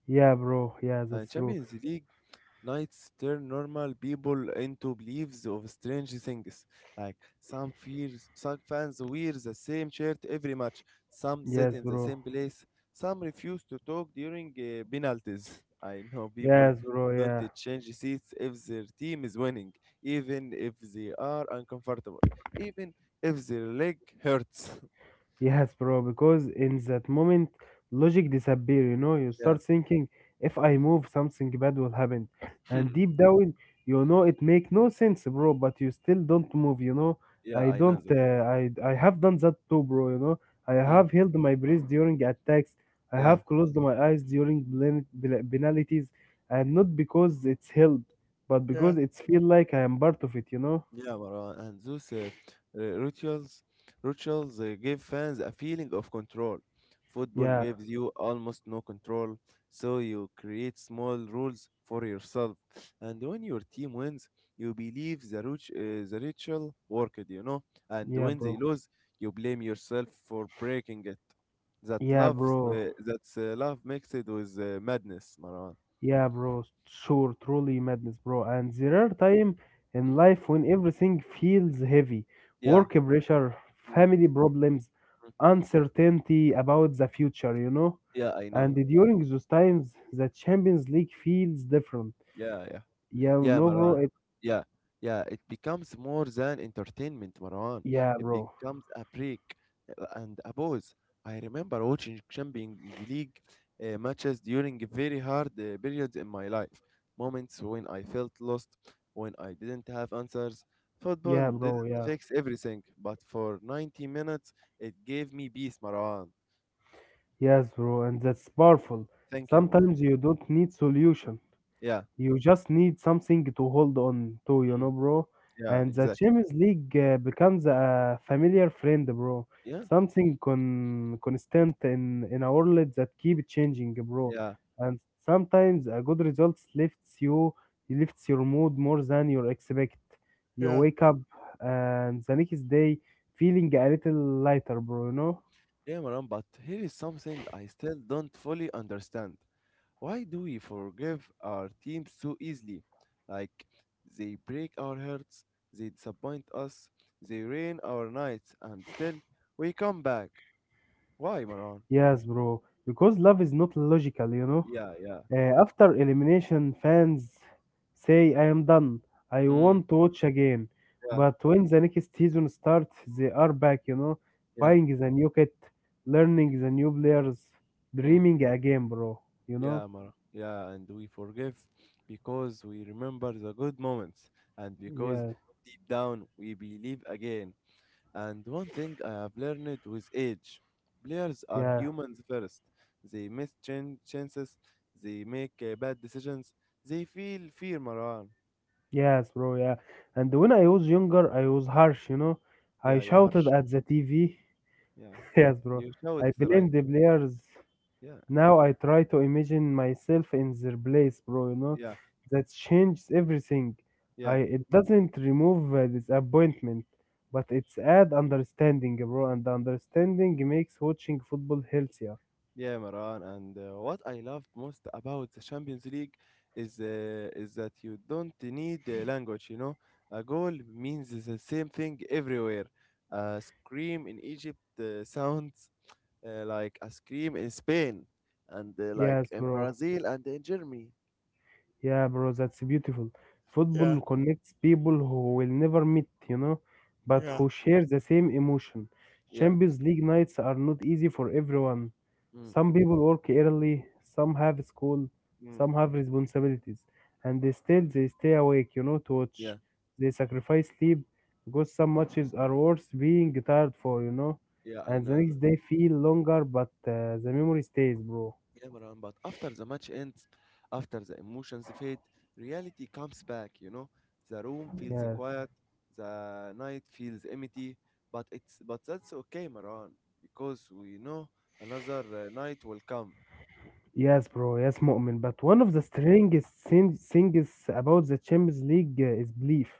[SPEAKER 2] yeah, bro. Yeah, that's true.
[SPEAKER 1] Champions League nights turn normal people into believers of strange things. Like some fears, some fans wear the same shirt every match. Some sit
[SPEAKER 2] Yes,
[SPEAKER 1] in the
[SPEAKER 2] bro.
[SPEAKER 1] same place. Some refuse to talk during penalties. I know people
[SPEAKER 2] Yes, bro.
[SPEAKER 1] don't
[SPEAKER 2] Yeah.
[SPEAKER 1] change seats if their team is winning, even if they are uncomfortable, even if their leg hurts.
[SPEAKER 2] Yes, bro, because in that moment, logic disappear, you know, you
[SPEAKER 1] yeah,
[SPEAKER 2] start thinking, if I move, something bad will happen. And deep down, you know, it make no sense, bro, but you still don't move, you know.
[SPEAKER 1] yeah,
[SPEAKER 2] I
[SPEAKER 1] I know
[SPEAKER 2] don't,
[SPEAKER 1] that.
[SPEAKER 2] I have done that too, bro, you know. I
[SPEAKER 1] Mm,
[SPEAKER 2] have held my breath during attacks. I
[SPEAKER 1] yeah.
[SPEAKER 2] have closed my eyes during penalties. And not because it's help, but because it's feel like I am part of it, you know.
[SPEAKER 1] Yeah, Marwan, and those uh, rituals, rituals give fans a feeling of control. Football
[SPEAKER 2] Yeah,
[SPEAKER 1] gives you almost no control, so you create small rules for yourself. And when your team wins, you believe the ritual worked, you know. And
[SPEAKER 2] yeah,
[SPEAKER 1] when they
[SPEAKER 2] bro.
[SPEAKER 1] lose, you blame yourself for breaking it. That
[SPEAKER 2] Yeah,
[SPEAKER 1] love,
[SPEAKER 2] bro.
[SPEAKER 1] that's love mixed with madness, Marwan.
[SPEAKER 2] Yeah, bro. Sure, truly madness, bro. And there are time in life when everything feels heavy.
[SPEAKER 1] Yeah,
[SPEAKER 2] Work pressure,
[SPEAKER 1] mm,
[SPEAKER 2] family problems,
[SPEAKER 1] mm,
[SPEAKER 2] uncertainty about the future, you know?
[SPEAKER 1] yeah, I know.
[SPEAKER 2] And during those times, the Champions League feels different.
[SPEAKER 1] Yeah, yeah.
[SPEAKER 2] Yeah,
[SPEAKER 1] Yeah,
[SPEAKER 2] no, bro.
[SPEAKER 1] Maran.
[SPEAKER 2] It,
[SPEAKER 1] Yeah, yeah. It becomes more than entertainment, Maran.
[SPEAKER 2] yeah,
[SPEAKER 1] It
[SPEAKER 2] bro.
[SPEAKER 1] becomes a break and a pause. I remember watching Champions League matches during very hard periods in my life. Moments when I felt lost, when I didn't have answers.
[SPEAKER 2] Yeah,
[SPEAKER 1] Football
[SPEAKER 2] bro. Yeah.
[SPEAKER 1] didn't fix everything, but for 90 minutes, it gave me peace, Maran.
[SPEAKER 2] Yes, bro. And that's powerful.
[SPEAKER 1] Thank you, Maran.
[SPEAKER 2] Sometimes you don't need solution.
[SPEAKER 1] Yeah,
[SPEAKER 2] You just need something to hold on to, you
[SPEAKER 1] mm,
[SPEAKER 2] know, bro.
[SPEAKER 1] yeah,
[SPEAKER 2] And the
[SPEAKER 1] exactly.
[SPEAKER 2] Champions League becomes a familiar friend, bro.
[SPEAKER 1] Yeah,
[SPEAKER 2] Something constant in a world that keep changing, bro.
[SPEAKER 1] yeah.
[SPEAKER 2] And sometimes a good result lifts you, lifts your mood more than you expect. You
[SPEAKER 1] Yeah.
[SPEAKER 2] wake up and the next day feeling a little lighter, bro. You know?
[SPEAKER 1] Yeah, Maran, but here is something I still don't fully understand. Why do we forgive our teams so easily? Like, they break our hearts, they disappoint us, they ruin our nights, and still we come back. Why, Maran?
[SPEAKER 2] Yes, bro. Because love is not logical, you know.
[SPEAKER 1] Yeah, yeah.
[SPEAKER 2] After elimination, fans say, I am done. I
[SPEAKER 1] Mm,
[SPEAKER 2] want to watch again.
[SPEAKER 1] yeah,
[SPEAKER 2] But when the next season starts, they are back, you know,
[SPEAKER 1] yeah.
[SPEAKER 2] buying the new kit, learning the new players,
[SPEAKER 1] Mm,
[SPEAKER 2] dreaming again, bro. You know?
[SPEAKER 1] yeah, Maran. Yeah, and we forgive because we remember the good moments and because
[SPEAKER 2] Yeah,
[SPEAKER 1] deep down we believe again. And one thing I have learned with age, players are
[SPEAKER 2] yeah,
[SPEAKER 1] humans first. They miss chances, they make bad decisions, they feel fear, Marwan.
[SPEAKER 2] yes, bro, yeah. And when I was younger, I was harsh, you know. I
[SPEAKER 1] Yeah, you're
[SPEAKER 2] shouted
[SPEAKER 1] harsh.
[SPEAKER 2] at the TV.
[SPEAKER 1] Yeah,
[SPEAKER 2] Yes, bro.
[SPEAKER 1] you show
[SPEAKER 2] I
[SPEAKER 1] it's right.
[SPEAKER 2] blamed the players.
[SPEAKER 1] Yeah,
[SPEAKER 2] Now I try to imagine myself in their place, bro. You know,
[SPEAKER 1] yeah,
[SPEAKER 2] that changes everything. I
[SPEAKER 1] yeah,
[SPEAKER 2] it doesn't remove disappointment, but it's add understanding, bro. And understanding makes watching football healthier.
[SPEAKER 1] yeah, Marwan. And what I loved most about the Champions League is that you don't need language, you know. A goal means the same thing everywhere. A scream in Egypt sounds like ice cream in Spain and like
[SPEAKER 2] Yes,
[SPEAKER 1] in
[SPEAKER 2] bro.
[SPEAKER 1] Brazil and in Germany.
[SPEAKER 2] Yeah, bro, that's beautiful.
[SPEAKER 1] Yeah,
[SPEAKER 2] Football connects people who will never meet, you know, but
[SPEAKER 1] yeah.
[SPEAKER 2] who share the same emotion.
[SPEAKER 1] Yeah.
[SPEAKER 2] Champions League nights are not easy for everyone.
[SPEAKER 1] Mm,
[SPEAKER 2] Some people work early, some have school,
[SPEAKER 1] mm,
[SPEAKER 2] some have responsibilities, and they still they stay awake, you know, to
[SPEAKER 1] yeah.
[SPEAKER 2] watch. They sacrifice sleep because some matches are worth being tired for, you know,
[SPEAKER 1] Yeah, I
[SPEAKER 2] and the
[SPEAKER 1] know
[SPEAKER 2] next
[SPEAKER 1] that.
[SPEAKER 2] day feel longer, but the memory stays, bro.
[SPEAKER 1] Yeah, Marwan, but after the match ends, after the emotions fade, reality comes back, you know? The room feels
[SPEAKER 2] Yes.
[SPEAKER 1] quiet, the night feels empty, but it's but that's okay, Marwan, because we know another night will come.
[SPEAKER 2] Yes, bro. Yes, Mu'min. But one
[SPEAKER 1] Yeah.
[SPEAKER 2] of the things about the Champions League is belief.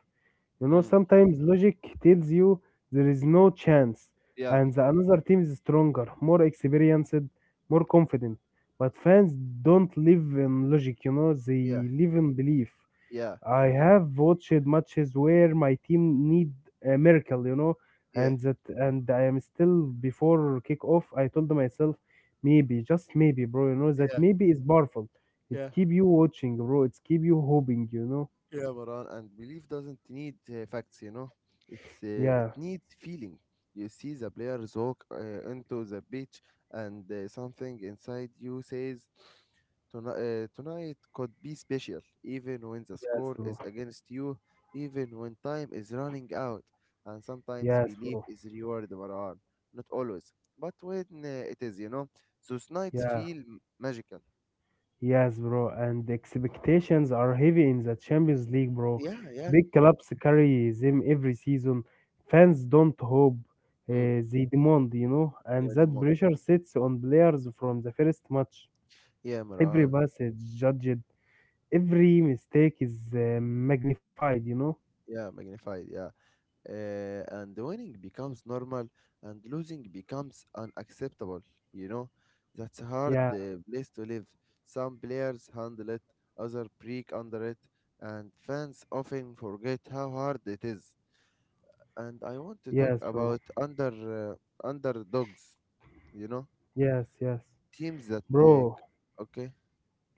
[SPEAKER 2] You know,
[SPEAKER 1] Mm,
[SPEAKER 2] sometimes logic tells you there is no chance,
[SPEAKER 1] yeah.
[SPEAKER 2] and the another team is stronger, more experienced, more confident. But fans don't live in logic. You know,
[SPEAKER 1] Yeah.
[SPEAKER 2] they live in belief.
[SPEAKER 1] Yeah.
[SPEAKER 2] I have watched matches where my team need a miracle, you know,
[SPEAKER 1] Yeah.
[SPEAKER 2] and I am still before kickoff. I told myself, maybe, just maybe, bro, you know, that
[SPEAKER 1] Yeah,
[SPEAKER 2] maybe is powerful. It
[SPEAKER 1] yeah.
[SPEAKER 2] keep you watching, bro. It's keep you hoping, you know.
[SPEAKER 1] Yeah, Maran, and belief doesn't need facts, you know. It
[SPEAKER 2] Yeah,
[SPEAKER 1] needs feeling. You see the players walk into the beach, and something inside you says, "Tonight, tonight could be special." Even when the
[SPEAKER 2] yes,
[SPEAKER 1] score
[SPEAKER 2] bro.
[SPEAKER 1] is against you, even when time is running out, and sometimes
[SPEAKER 2] Yes,
[SPEAKER 1] belief
[SPEAKER 2] bro.
[SPEAKER 1] is rewarded, Maran. Not always, but when it is, you know, those nights
[SPEAKER 2] Yeah.
[SPEAKER 1] feel magical.
[SPEAKER 2] Yes, bro, and the expectations are heavy in the Champions League, bro.
[SPEAKER 1] Yeah, yeah.
[SPEAKER 2] Big clubs carry them every season. Fans don't hope,
[SPEAKER 1] Mm.
[SPEAKER 2] they demand, you know, and
[SPEAKER 1] Yeah,
[SPEAKER 2] that
[SPEAKER 1] Dimon.
[SPEAKER 2] pressure sits on players from the first match.
[SPEAKER 1] Yeah,
[SPEAKER 2] Every
[SPEAKER 1] Maran.
[SPEAKER 2] pass is judged, every mistake is magnified, you know.
[SPEAKER 1] Yeah, magnified. Yeah. And winning becomes normal and losing becomes unacceptable. You know, that's a hard
[SPEAKER 2] Yeah,
[SPEAKER 1] place to live. Some players handle it, others break under it, and fans often forget how hard it is. And I want to talk
[SPEAKER 2] yes, bro.
[SPEAKER 1] about underdogs, you know,
[SPEAKER 2] Yes, yes,
[SPEAKER 1] teams that take.
[SPEAKER 2] bro.
[SPEAKER 1] Okay.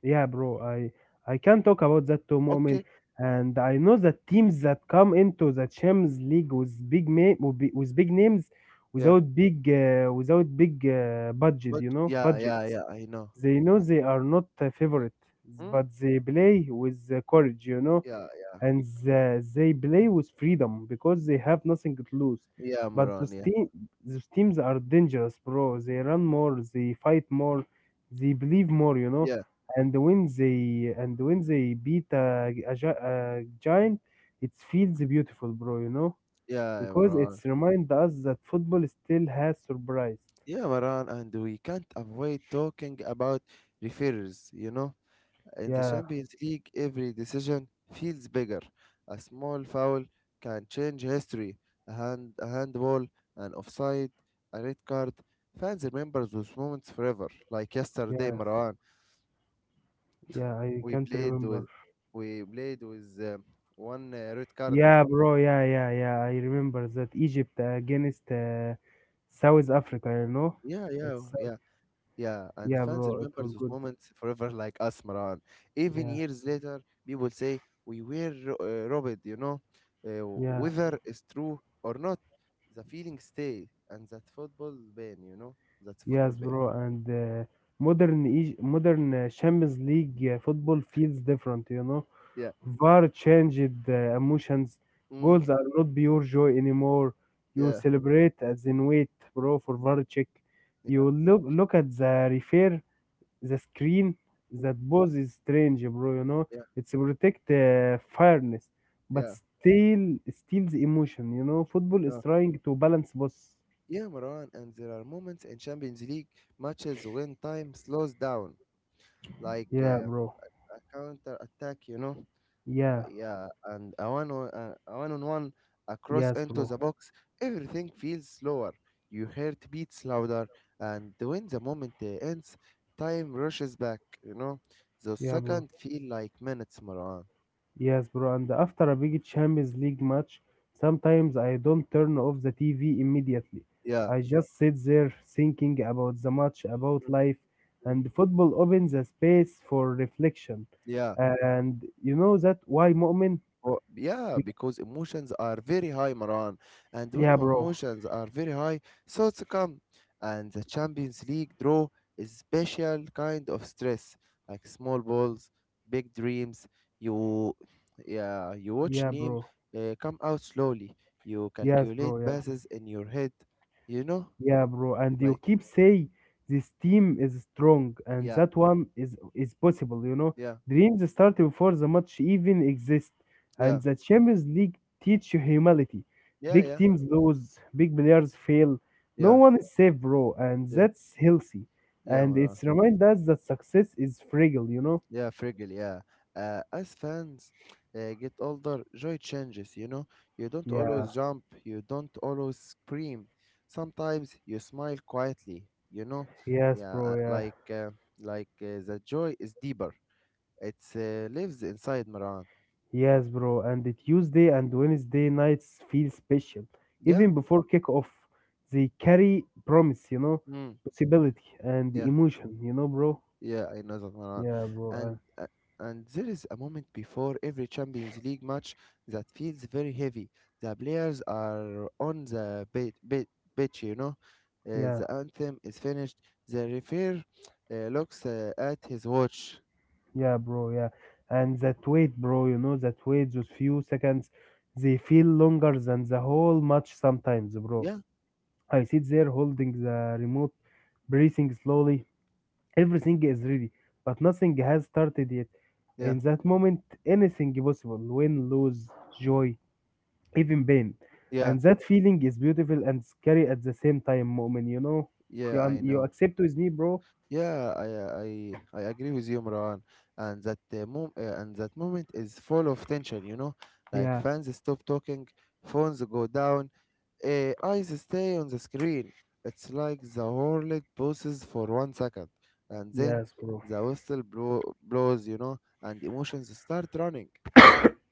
[SPEAKER 2] Yeah, bro, I can talk about that too, moment.
[SPEAKER 1] Okay.
[SPEAKER 2] And I know that teams that come into the Champions League with big names,
[SPEAKER 1] Yeah.
[SPEAKER 2] without big budget,
[SPEAKER 1] But
[SPEAKER 2] you know,
[SPEAKER 1] yeah,
[SPEAKER 2] budget
[SPEAKER 1] yeah, yeah, I know.
[SPEAKER 2] they know they are not a favorite,
[SPEAKER 1] Hmm?
[SPEAKER 2] but they play with the courage, you know,
[SPEAKER 1] Yeah, yeah.
[SPEAKER 2] they play with freedom because they have nothing to lose.
[SPEAKER 1] Yeah,
[SPEAKER 2] But
[SPEAKER 1] Moran.
[SPEAKER 2] those,
[SPEAKER 1] Yeah.
[SPEAKER 2] team, those teams are dangerous, bro. They run more, they fight more, they believe more, you know.
[SPEAKER 1] Yeah,
[SPEAKER 2] And when they beat a giant, it feels beautiful, bro. You know,
[SPEAKER 1] yeah,
[SPEAKER 2] because
[SPEAKER 1] Moran.
[SPEAKER 2] it's remind us that football still has surprised.
[SPEAKER 1] Yeah, Maran, and we can't avoid talking about referees. You know, in the
[SPEAKER 2] Yeah,
[SPEAKER 1] Champions League, every decision feels bigger. A small foul can change history. A handball, an offside, a red card. Fans remember those moments forever. Like yesterday,
[SPEAKER 2] yes,
[SPEAKER 1] Maran,
[SPEAKER 2] yeah. I
[SPEAKER 1] we
[SPEAKER 2] can't
[SPEAKER 1] played with,
[SPEAKER 2] remember.
[SPEAKER 1] we played with one red card.
[SPEAKER 2] Yeah, bro. Yeah, yeah, yeah. I remember that Egypt against South Africa. You know,
[SPEAKER 1] Yeah, yeah,
[SPEAKER 2] it's
[SPEAKER 1] yeah. Yeah, and
[SPEAKER 2] yeah,
[SPEAKER 1] fans
[SPEAKER 2] bro. It
[SPEAKER 1] remember
[SPEAKER 2] was
[SPEAKER 1] those
[SPEAKER 2] good.
[SPEAKER 1] moments forever, like us, Maran. Even
[SPEAKER 2] Yeah,
[SPEAKER 1] years later, people say robbed, you know, uh,
[SPEAKER 2] yeah,
[SPEAKER 1] whether it's true or not, the feeling stay, and that football ban, you know, that's football
[SPEAKER 2] yes,
[SPEAKER 1] ban.
[SPEAKER 2] bro. And modern Champions League football feels different. You know,
[SPEAKER 1] Yeah,
[SPEAKER 2] VAR changed emotions.
[SPEAKER 1] mm,
[SPEAKER 2] Goals are not pure joy anymore. You
[SPEAKER 1] yeah,
[SPEAKER 2] celebrate as in wait, bro, for VAR check. You
[SPEAKER 1] yeah,
[SPEAKER 2] look at the referee the screen
[SPEAKER 1] mm,
[SPEAKER 2] that both is strange, bro, you know.
[SPEAKER 1] yeah,
[SPEAKER 2] It's protect fairness but
[SPEAKER 1] yeah,
[SPEAKER 2] still steals emotion, you know, football is
[SPEAKER 1] yeah,
[SPEAKER 2] trying to balance both.
[SPEAKER 1] yeah, Maran. And there are moments in Champions League matches when time slows down, like
[SPEAKER 2] Yeah, bro.
[SPEAKER 1] a counter attack, you know.
[SPEAKER 2] Yeah,
[SPEAKER 1] Yeah, and a one on one across
[SPEAKER 2] yes,
[SPEAKER 1] into
[SPEAKER 2] bro.
[SPEAKER 1] the box, everything feels slower. Your heart beats louder, and when the moment ends, time rushes back. You know, those
[SPEAKER 2] Yeah,
[SPEAKER 1] seconds
[SPEAKER 2] bro.
[SPEAKER 1] feel like minutes, Marwan.
[SPEAKER 2] Yes, bro. And after a big Champions League match sometimes I don't turn off the TV immediately.
[SPEAKER 1] Yeah,
[SPEAKER 2] I just sit there thinking about the match, about
[SPEAKER 1] mm,
[SPEAKER 2] life,
[SPEAKER 1] mm,
[SPEAKER 2] and football opens a space for reflection.
[SPEAKER 1] yeah.
[SPEAKER 2] And you know that why, Mu'min?
[SPEAKER 1] Well, yeah, because emotions are very high, Maran. And when
[SPEAKER 2] Yeah, bro.
[SPEAKER 1] emotions are very high, thoughts come. And the Champions League draw is special kind of stress, like small balls, big dreams. You, yeah, you watch
[SPEAKER 2] Yeah,
[SPEAKER 1] name
[SPEAKER 2] bro.
[SPEAKER 1] come out slowly. You
[SPEAKER 2] Yes,
[SPEAKER 1] calculate
[SPEAKER 2] bro. Yeah.
[SPEAKER 1] passes in your head. You know,
[SPEAKER 2] Yeah, bro. And you
[SPEAKER 1] like
[SPEAKER 2] keep say this team is strong and
[SPEAKER 1] yeah,
[SPEAKER 2] that one is possible, you know.
[SPEAKER 1] yeah,
[SPEAKER 2] Dreams start before the match even exist.
[SPEAKER 1] yeah,
[SPEAKER 2] And the Champions League teach you humility.
[SPEAKER 1] yeah,
[SPEAKER 2] Big
[SPEAKER 1] yeah,
[SPEAKER 2] teams lose, big players fail. No
[SPEAKER 1] yeah,
[SPEAKER 2] one is safe, bro, and
[SPEAKER 1] yeah,
[SPEAKER 2] that's healthy.
[SPEAKER 1] yeah,
[SPEAKER 2] And
[SPEAKER 1] Maran.
[SPEAKER 2] it's remind us that success is fragile, you know?
[SPEAKER 1] Yeah, Friggle, yeah. As fans get older, joy changes, you know? You don't
[SPEAKER 2] Yeah.
[SPEAKER 1] always jump, you don't always scream. Sometimes you smile quietly, you know?
[SPEAKER 2] Yes,
[SPEAKER 1] Yeah,
[SPEAKER 2] bro. Yeah.
[SPEAKER 1] the joy is deeper. It lives inside Maran.
[SPEAKER 2] Yes, bro. And the Tuesday and Wednesday nights feel special.
[SPEAKER 1] Yeah?
[SPEAKER 2] Even before kickoff, they carry promise, you know,
[SPEAKER 1] Mm,
[SPEAKER 2] possibility and
[SPEAKER 1] yeah.
[SPEAKER 2] emotion, you know, bro.
[SPEAKER 1] Yeah, I know that one.
[SPEAKER 2] Yeah, bro.
[SPEAKER 1] And there is a moment before every Champions League match that feels very heavy. The players are on the pitch, you know.
[SPEAKER 2] Yeah,
[SPEAKER 1] The anthem is finished. The referee looks at his watch.
[SPEAKER 2] yeah, bro. Yeah. And that wait, bro, you know, that wait, those few seconds, they feel longer than the whole match sometimes, bro.
[SPEAKER 1] Yeah,
[SPEAKER 2] I sit there holding the remote, breathing slowly. Everything is ready, but nothing has started yet.
[SPEAKER 1] yeah,
[SPEAKER 2] In that moment, anything possible, win, lose, joy, even pain.
[SPEAKER 1] yeah,
[SPEAKER 2] And that feeling is beautiful and scary at the same time, Moment. You know,
[SPEAKER 1] yeah. I
[SPEAKER 2] you
[SPEAKER 1] know.
[SPEAKER 2] accept with me, bro?
[SPEAKER 1] Yeah, I agree with you, Marwan. And that mom and that moment is full of tension. You know, like
[SPEAKER 2] Yeah,
[SPEAKER 1] fans stop talking, phones go down, eyes stay on the screen. It's like the whole pauses for one second, and then
[SPEAKER 2] yes, bro.
[SPEAKER 1] the whistle blows. You know, and emotions start running.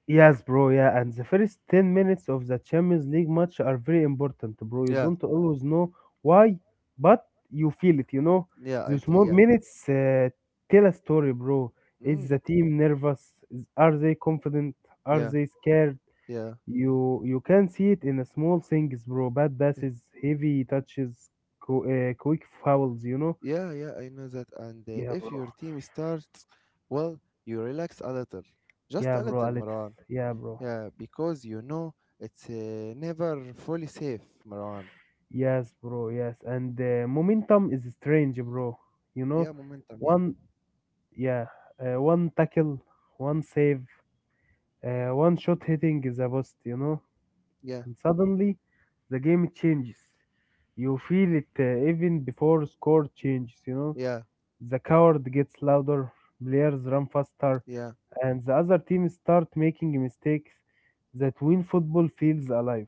[SPEAKER 2] Yes, bro. Yeah, and the first 10 minutes of the Champions League match are very important, bro. You
[SPEAKER 1] Yeah,
[SPEAKER 2] don't always know why, but you feel it, you know.
[SPEAKER 1] yeah, I
[SPEAKER 2] Those
[SPEAKER 1] feel
[SPEAKER 2] small
[SPEAKER 1] yeah.
[SPEAKER 2] minutes tell a story, bro. Is
[SPEAKER 1] Mm,
[SPEAKER 2] the team nervous? Are they confident? Are
[SPEAKER 1] yeah,
[SPEAKER 2] they scared?
[SPEAKER 1] yeah.
[SPEAKER 2] You can see it in the small things, bro. Bad passes, heavy touches, quick fouls, you know.
[SPEAKER 1] Yeah, yeah, I know that. And
[SPEAKER 2] Yeah,
[SPEAKER 1] if
[SPEAKER 2] bro.
[SPEAKER 1] your team starts, well, you relax a little. Just
[SPEAKER 2] Yeah,
[SPEAKER 1] a
[SPEAKER 2] bro.
[SPEAKER 1] little,
[SPEAKER 2] Alex.
[SPEAKER 1] Marwan.
[SPEAKER 2] Yeah, bro.
[SPEAKER 1] Yeah, because you know it's never fully safe, Marwan.
[SPEAKER 2] Yes, bro. Yes, and momentum is strange, bro. You know,
[SPEAKER 1] Yeah, momentum, yeah.
[SPEAKER 2] one yeah, one tackle, one save, one shot hitting is a bust. You know,
[SPEAKER 1] Yeah,
[SPEAKER 2] and suddenly the game changes. You feel it even before score changes. You know,
[SPEAKER 1] yeah,
[SPEAKER 2] the coward gets louder, players run faster,
[SPEAKER 1] yeah,
[SPEAKER 2] and the other team start making mistakes that win football feels alive.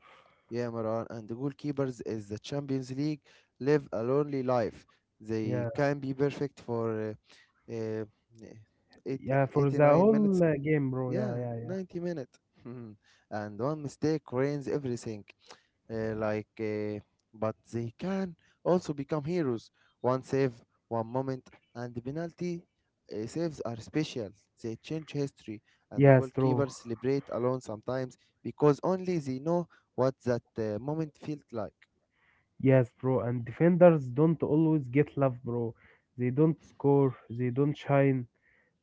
[SPEAKER 1] yeah, Marwan. And the goalkeepers is the Champions League live a lonely life. They
[SPEAKER 2] Yeah,
[SPEAKER 1] can be perfect for uh, uh, eight,
[SPEAKER 2] yeah, for the
[SPEAKER 1] 89
[SPEAKER 2] whole
[SPEAKER 1] minutes.
[SPEAKER 2] game, bro. Yeah,
[SPEAKER 1] Yeah,
[SPEAKER 2] yeah, yeah.
[SPEAKER 1] 90 minutes. And one mistake ruins everything. uh, like uh, but they can also become heroes. One save, one moment, and the penalty saves are special. They change history, and the
[SPEAKER 2] Yes, true.
[SPEAKER 1] goalkeepers celebrate alone sometimes, because only they know what that moment felt like.
[SPEAKER 2] Yes, bro. And defenders don't always get love, bro. They don't score, they don't shine,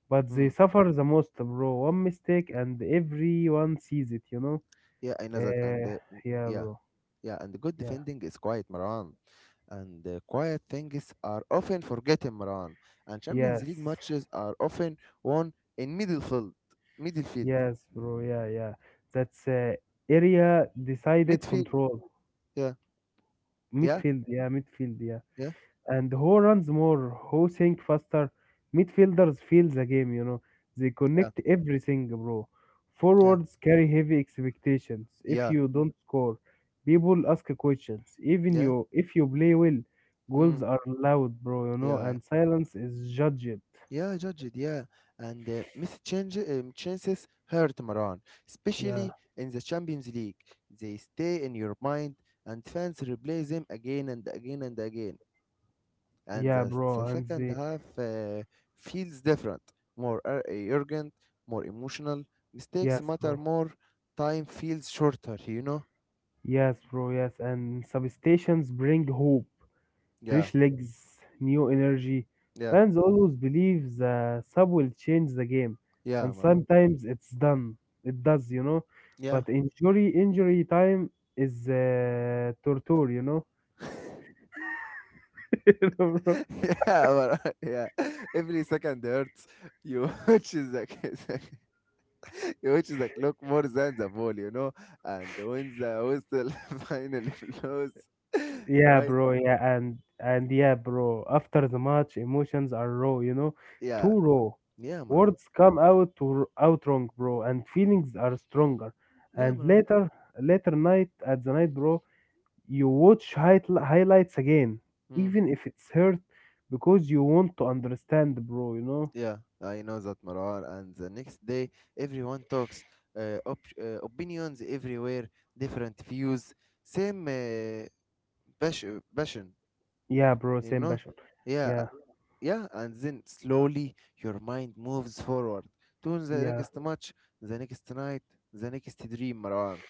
[SPEAKER 2] but they
[SPEAKER 1] Mm.
[SPEAKER 2] suffer the most, bro. One mistake and everyone sees it,
[SPEAKER 1] Yeah, I know that. And
[SPEAKER 2] Uh, yeah,
[SPEAKER 1] yeah,
[SPEAKER 2] bro.
[SPEAKER 1] yeah, and good
[SPEAKER 2] Yeah.
[SPEAKER 1] defending is quiet, Maran, and quiet things are often forgotten, Maran. And Champions
[SPEAKER 2] Yes.
[SPEAKER 1] League matches are often won in midfield, midfield
[SPEAKER 2] Yes, bro. Yeah, yeah. That's area decided
[SPEAKER 1] midfield.
[SPEAKER 2] control.
[SPEAKER 1] Yeah. Yeah.
[SPEAKER 2] Midfield, yeah, midfield, yeah.
[SPEAKER 1] Yeah.
[SPEAKER 2] And who runs more, who think faster. Midfielders feel the game. They
[SPEAKER 1] Yeah.
[SPEAKER 2] connect everything, bro.
[SPEAKER 1] Yeah.
[SPEAKER 2] Forwards carry heavy expectations. If
[SPEAKER 1] Yeah.
[SPEAKER 2] you don't score, people ask questions. Even
[SPEAKER 1] Yeah.
[SPEAKER 2] you, if you play well,
[SPEAKER 1] Mm.
[SPEAKER 2] goals are loud, bro. You know,
[SPEAKER 1] Yeah.
[SPEAKER 2] and silence is judged.
[SPEAKER 1] Yeah, judge it. Yeah. And missed chances hurt, Maran,
[SPEAKER 2] Yeah,
[SPEAKER 1] especially in the Champions League. They stay in your mind, and fans replay them again and again and again. And
[SPEAKER 2] yeah,
[SPEAKER 1] the
[SPEAKER 2] bro. And
[SPEAKER 1] second
[SPEAKER 2] they,
[SPEAKER 1] half feels different, more urgent, more emotional. Mistakes
[SPEAKER 2] yes,
[SPEAKER 1] matter
[SPEAKER 2] bro.
[SPEAKER 1] more. Time feels shorter, you know?
[SPEAKER 2] Yes, bro. Yes, and substations bring hope.
[SPEAKER 1] Yeah.
[SPEAKER 2] Fresh legs, new energy.
[SPEAKER 1] Yeah.
[SPEAKER 2] Fans always believe the sub will change the game,
[SPEAKER 1] Yeah,
[SPEAKER 2] and
[SPEAKER 1] Maran.
[SPEAKER 2] sometimes it's done. It does.
[SPEAKER 1] Yeah.
[SPEAKER 2] But injury time is torture, Bro.
[SPEAKER 1] Yeah, but, yeah. Every second hurts. You which is like, you which is like look more than the ball, you know. And when the whistle finally blows,
[SPEAKER 2] Yeah,
[SPEAKER 1] right?
[SPEAKER 2] bro. Yeah, and yeah, bro. After the match, emotions are raw, you know,
[SPEAKER 1] Yeah,
[SPEAKER 2] too raw.
[SPEAKER 1] yeah, Marwan.
[SPEAKER 2] Words come out to out wrong, bro, and feelings are stronger.
[SPEAKER 1] Yeah,
[SPEAKER 2] And
[SPEAKER 1] Marwan.
[SPEAKER 2] later, later night at the night, bro. You watch highlights again,
[SPEAKER 1] Hmm.
[SPEAKER 2] even if it's hurt, because you want to understand, bro, you know?
[SPEAKER 1] Yeah, I know that, Marwan. And the next day, everyone talks. Opinions everywhere, different views, same pas- passion,
[SPEAKER 2] Yeah, bro,
[SPEAKER 1] you
[SPEAKER 2] same
[SPEAKER 1] know.
[SPEAKER 2] passion.
[SPEAKER 1] Yeah,
[SPEAKER 2] Yeah,
[SPEAKER 1] yeah, and then slowly your mind moves forward to the
[SPEAKER 2] yeah,
[SPEAKER 1] next match, the next night, the next dream, Marwan.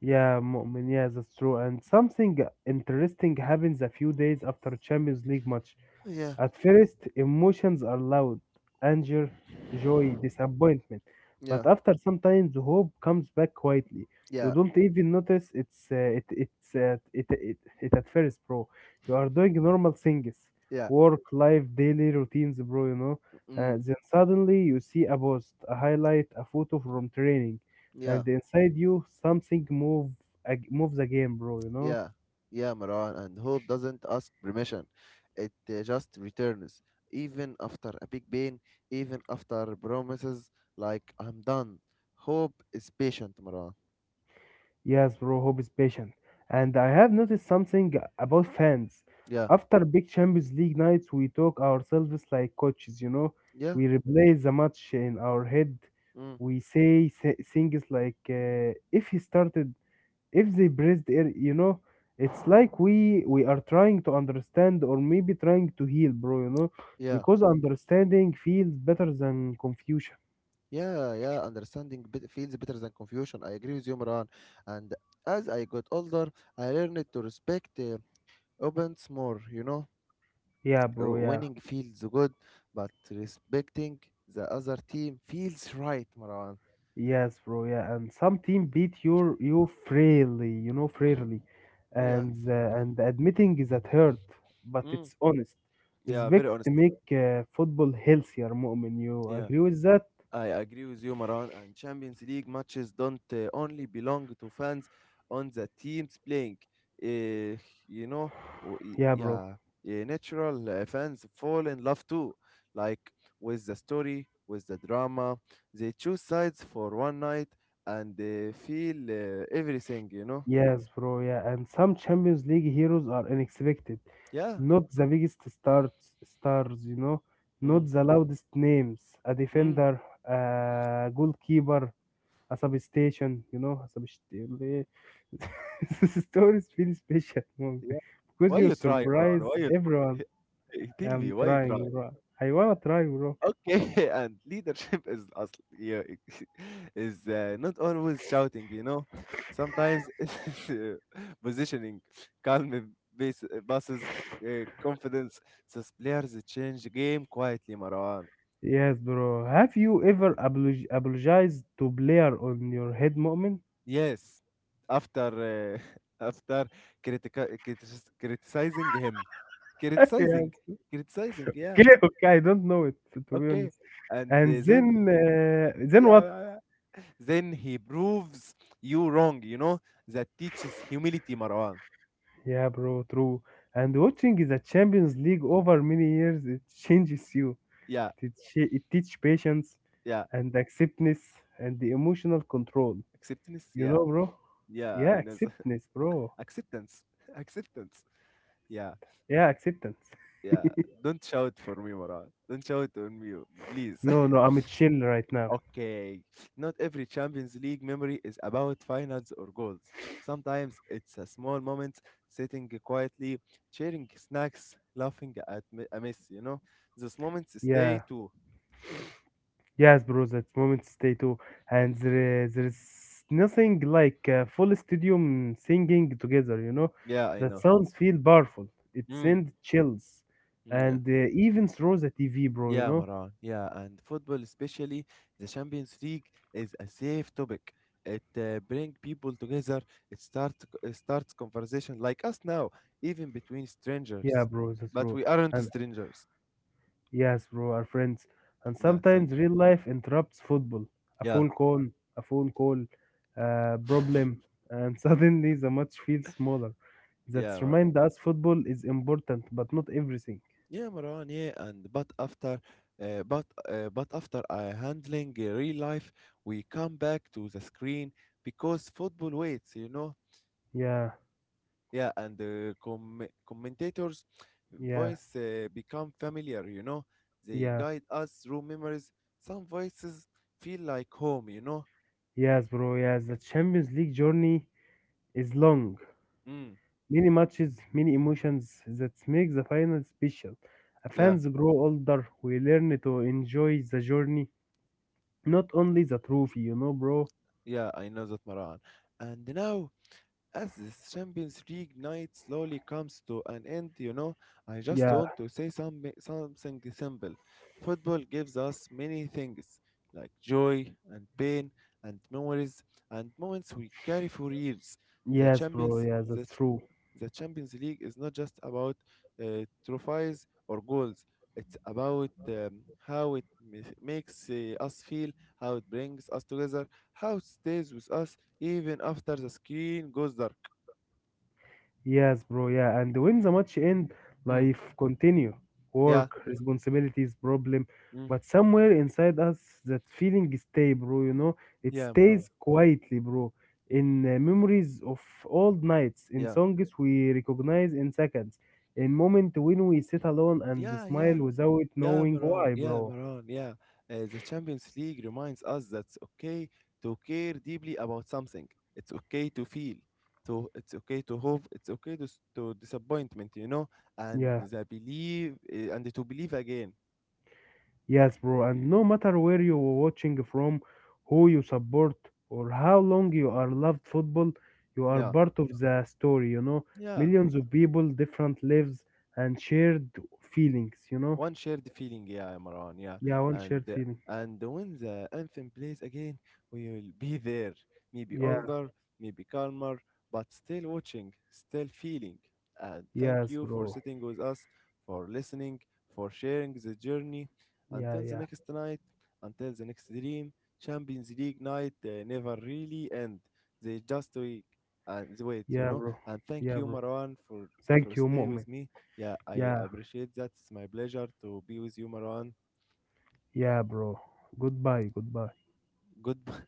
[SPEAKER 2] yeah, Mu'min, yeah, that's true. And something interesting happens a few days after Champions League match.
[SPEAKER 1] Yeah,
[SPEAKER 2] At first, emotions are loud, anger, joy, disappointment. But
[SPEAKER 1] yeah,
[SPEAKER 2] after some time, the hope comes back quietly. You
[SPEAKER 1] yeah,
[SPEAKER 2] don't even notice it's it it's it, it it at first, bro. You are doing normal things,
[SPEAKER 1] yeah,
[SPEAKER 2] work, life, daily routines, bro.
[SPEAKER 1] mm,
[SPEAKER 2] Then suddenly you see a post, a highlight, a photo from training,
[SPEAKER 1] yeah,
[SPEAKER 2] and inside you something move moves again, bro. You know.
[SPEAKER 1] yeah, yeah, Marwan. And hope doesn't ask permission, it just returns, even after a big pain, even after promises like I'm done. Hope is patient, Marwan.
[SPEAKER 2] Yes, bro, hope is patient. And I have noticed something about fans.
[SPEAKER 1] Yeah,
[SPEAKER 2] After big Champions League nights, we talk ourselves like coaches, you know.
[SPEAKER 1] yeah,
[SPEAKER 2] We replay the match in our head.
[SPEAKER 1] mm,
[SPEAKER 2] We say things like, if he started, if they breathed air, you know. It's like we are trying to understand, or maybe trying to heal, bro, you know.
[SPEAKER 1] yeah.
[SPEAKER 2] Because understanding feels better than confusion.
[SPEAKER 1] Yeah, yeah, understanding feels better than confusion. I agree with you, Imran. And as I got older, I learned to respect opponents more, you know.
[SPEAKER 2] Yeah, bro, yeah.
[SPEAKER 1] Winning feels good, but respecting the other team feels right, Maran.
[SPEAKER 2] Yes, bro. Yeah, and some team beat your you freely, you know, freely,
[SPEAKER 1] Yeah.
[SPEAKER 2] and admitting is that hurt, but
[SPEAKER 1] Mm.
[SPEAKER 2] it's honest.
[SPEAKER 1] Yeah, very
[SPEAKER 2] Respect to
[SPEAKER 1] honest.
[SPEAKER 2] make football healthier, Mu'min. You
[SPEAKER 1] Yeah.
[SPEAKER 2] agree with that?
[SPEAKER 1] I agree with you, Maran. And Champions League matches don't only belong to fans on the teams playing. Uh, you know,
[SPEAKER 2] Yeah, bro.
[SPEAKER 1] yeah, yeah, natural fans fall in love too, like with the story, with the drama. They choose sides for one night and they feel everything. You know,
[SPEAKER 2] Yes, bro. Yeah, and some Champions League heroes are unexpected,
[SPEAKER 1] yeah.
[SPEAKER 2] not the biggest stars, stars, you know,
[SPEAKER 1] Mm.
[SPEAKER 2] not the loudest names. A
[SPEAKER 1] Mm.
[SPEAKER 2] defender, a goalkeeper, a substation, you know, a substation. This story is feel special moment
[SPEAKER 1] Yeah.
[SPEAKER 2] because
[SPEAKER 1] Why
[SPEAKER 2] you
[SPEAKER 1] you try,
[SPEAKER 2] surprise
[SPEAKER 1] Maran? Why you
[SPEAKER 2] everyone.
[SPEAKER 1] tell me
[SPEAKER 2] I'm
[SPEAKER 1] why you try.
[SPEAKER 2] trying, bro. I wanna try, bro.
[SPEAKER 1] Okay, and yeah, is not always shouting, you know. Sometimes it's positioning, calm base, buses, confidence. These players change the game quietly, Marwan.
[SPEAKER 2] Yes, bro. Have you ever apologized to player on your head moment?
[SPEAKER 1] Yes, after after criticizing him, criticizing,
[SPEAKER 2] Yes.
[SPEAKER 1] criticizing, yeah,
[SPEAKER 2] Okay, okay. I don't know it to be
[SPEAKER 1] okay,
[SPEAKER 2] honest.
[SPEAKER 1] and
[SPEAKER 2] And
[SPEAKER 1] uh, then
[SPEAKER 2] then what?
[SPEAKER 1] yeah, then he proves you wrong, you know? That teaches humility, Marwan.
[SPEAKER 2] Yeah, bro. True. And watching the Champions League over many years, it changes you.
[SPEAKER 1] Yeah,
[SPEAKER 2] It, it teach patience
[SPEAKER 1] yeah.
[SPEAKER 2] and acceptance and the emotional control.
[SPEAKER 1] Acceptance,
[SPEAKER 2] You
[SPEAKER 1] yeah.
[SPEAKER 2] know, bro?
[SPEAKER 1] Yeah,
[SPEAKER 2] Yeah,
[SPEAKER 1] I know. That.
[SPEAKER 2] acceptance, bro.
[SPEAKER 1] Acceptance. Acceptance. Yeah,
[SPEAKER 2] Yeah, acceptance.
[SPEAKER 1] yeah. Don't shout for me, Marwan. Don't shout on me, please.
[SPEAKER 2] No, no, I'm chill right now.
[SPEAKER 1] Okay. Not every Champions League memory is about finals or goals. Sometimes it's a small moment, sitting quietly, sharing snacks, laughing at a mess, you know? Those moments stay
[SPEAKER 2] Yeah.
[SPEAKER 1] too.
[SPEAKER 2] Yes, bro, that moment stay too. And there's nothing like full stadium singing together, you know?
[SPEAKER 1] Yeah, I
[SPEAKER 2] That
[SPEAKER 1] know.
[SPEAKER 2] sounds feel powerful. It
[SPEAKER 1] Mm.
[SPEAKER 2] sends chills.
[SPEAKER 1] Mm, yeah.
[SPEAKER 2] And even through the TV, bro, you
[SPEAKER 1] Yeah,
[SPEAKER 2] know?
[SPEAKER 1] Maran. Yeah, and football, especially the Champions League, is a safe topic. It brings people together. It start it starts conversation like us now, even between
[SPEAKER 2] Yeah,
[SPEAKER 1] strangers.
[SPEAKER 2] bro, that's
[SPEAKER 1] But
[SPEAKER 2] true.
[SPEAKER 1] we aren't
[SPEAKER 2] And.
[SPEAKER 1] strangers.
[SPEAKER 2] Yes, bro, our friends. And
[SPEAKER 1] No, thank.
[SPEAKER 2] sometimes real life interrupts football. A
[SPEAKER 1] Yeah,
[SPEAKER 2] phone call, a phone call, a problem, and suddenly the match feels smaller. That
[SPEAKER 1] yeah,
[SPEAKER 2] reminds us football is important, but not everything.
[SPEAKER 1] yeah, Maran. Yeah, and but after, but after handling real life, we come back to the screen because football waits. You know.
[SPEAKER 2] Yeah,
[SPEAKER 1] Yeah, and the commentators'
[SPEAKER 2] yeah,
[SPEAKER 1] voice become familiar, you know. They
[SPEAKER 2] yeah.
[SPEAKER 1] guide us through memories. Some voices feel like home, you know.
[SPEAKER 2] Yes, bro, yes. The Champions League journey is long.
[SPEAKER 1] Mm,
[SPEAKER 2] Many matches, many emotions that make the final special. Our
[SPEAKER 1] yeah,
[SPEAKER 2] fans grow older, we learn to enjoy the journey, not only the trophy, you know, bro.
[SPEAKER 1] yeah, I know that, Maran. And now, as this Champions League night slowly comes to an end, you know, I just
[SPEAKER 2] Yeah.
[SPEAKER 1] want to say something simple. Football gives us many things like joy and pain and memories and moments we carry for years. The
[SPEAKER 2] Yes, bro.
[SPEAKER 1] Champions,
[SPEAKER 2] Yes, that's
[SPEAKER 1] the,
[SPEAKER 2] true.
[SPEAKER 1] the Champions League is not just about trophies or goals. It's about how it makes us feel, how it brings us together, how it stays with us, even after the skin goes dark.
[SPEAKER 2] Yes, bro. Yeah, and when the match end,
[SPEAKER 1] Mm.
[SPEAKER 2] life continue,
[SPEAKER 1] Yeah,
[SPEAKER 2] work, responsibilities, problem,
[SPEAKER 1] mm,
[SPEAKER 2] but somewhere inside us, that feeling stay, bro. You know, it
[SPEAKER 1] yeah, Maran.
[SPEAKER 2] stays quietly, bro. In memories of old nights, in
[SPEAKER 1] Yeah,
[SPEAKER 2] songs we recognize in seconds, in moment when we sit alone and
[SPEAKER 1] yeah,
[SPEAKER 2] smile
[SPEAKER 1] yeah,
[SPEAKER 2] without
[SPEAKER 1] yeah,
[SPEAKER 2] knowing
[SPEAKER 1] Maran.
[SPEAKER 2] why,
[SPEAKER 1] Yeah,
[SPEAKER 2] bro.
[SPEAKER 1] Maran. Yeah. The Champions League reminds us that it's okay to care deeply about something. It's okay to feel. To It's okay to hope. It's okay to disappointment. You know, and
[SPEAKER 2] Yeah.
[SPEAKER 1] the believe and to believe again.
[SPEAKER 2] Yes, bro, and no matter where you are watching from, who you support, or how long you are loved football, you are
[SPEAKER 1] Yeah,
[SPEAKER 2] part of the story, you know.
[SPEAKER 1] yeah.
[SPEAKER 2] Millions of people, different lives, and shared feelings, you know.
[SPEAKER 1] One shared feeling, yeah, Imran, yeah.
[SPEAKER 2] Yeah, one
[SPEAKER 1] and
[SPEAKER 2] shared
[SPEAKER 1] uh,
[SPEAKER 2] feeling.
[SPEAKER 1] and when the anthem plays again, we will be there, maybe
[SPEAKER 2] Yeah,
[SPEAKER 1] older, maybe calmer, but still watching, still feeling. And thank
[SPEAKER 2] yes,
[SPEAKER 1] you for
[SPEAKER 2] bro.
[SPEAKER 1] sitting with us, for listening, for sharing the journey,
[SPEAKER 2] Yeah,
[SPEAKER 1] until the
[SPEAKER 2] yeah,
[SPEAKER 1] next night, until the next dream. Champions League night never really end. They just wait and wait, you
[SPEAKER 2] yeah,
[SPEAKER 1] know.
[SPEAKER 2] bro.
[SPEAKER 1] And thank
[SPEAKER 2] Yeah,
[SPEAKER 1] you,
[SPEAKER 2] bro.
[SPEAKER 1] Marwan, for
[SPEAKER 2] Thank you,
[SPEAKER 1] stay with
[SPEAKER 2] Mu'min.
[SPEAKER 1] me. Yeah, I
[SPEAKER 2] Yeah,
[SPEAKER 1] appreciate that. It's my pleasure to be with you, Marwan.
[SPEAKER 2] yeah, bro. Goodbye, goodbye.
[SPEAKER 1] Goodbye.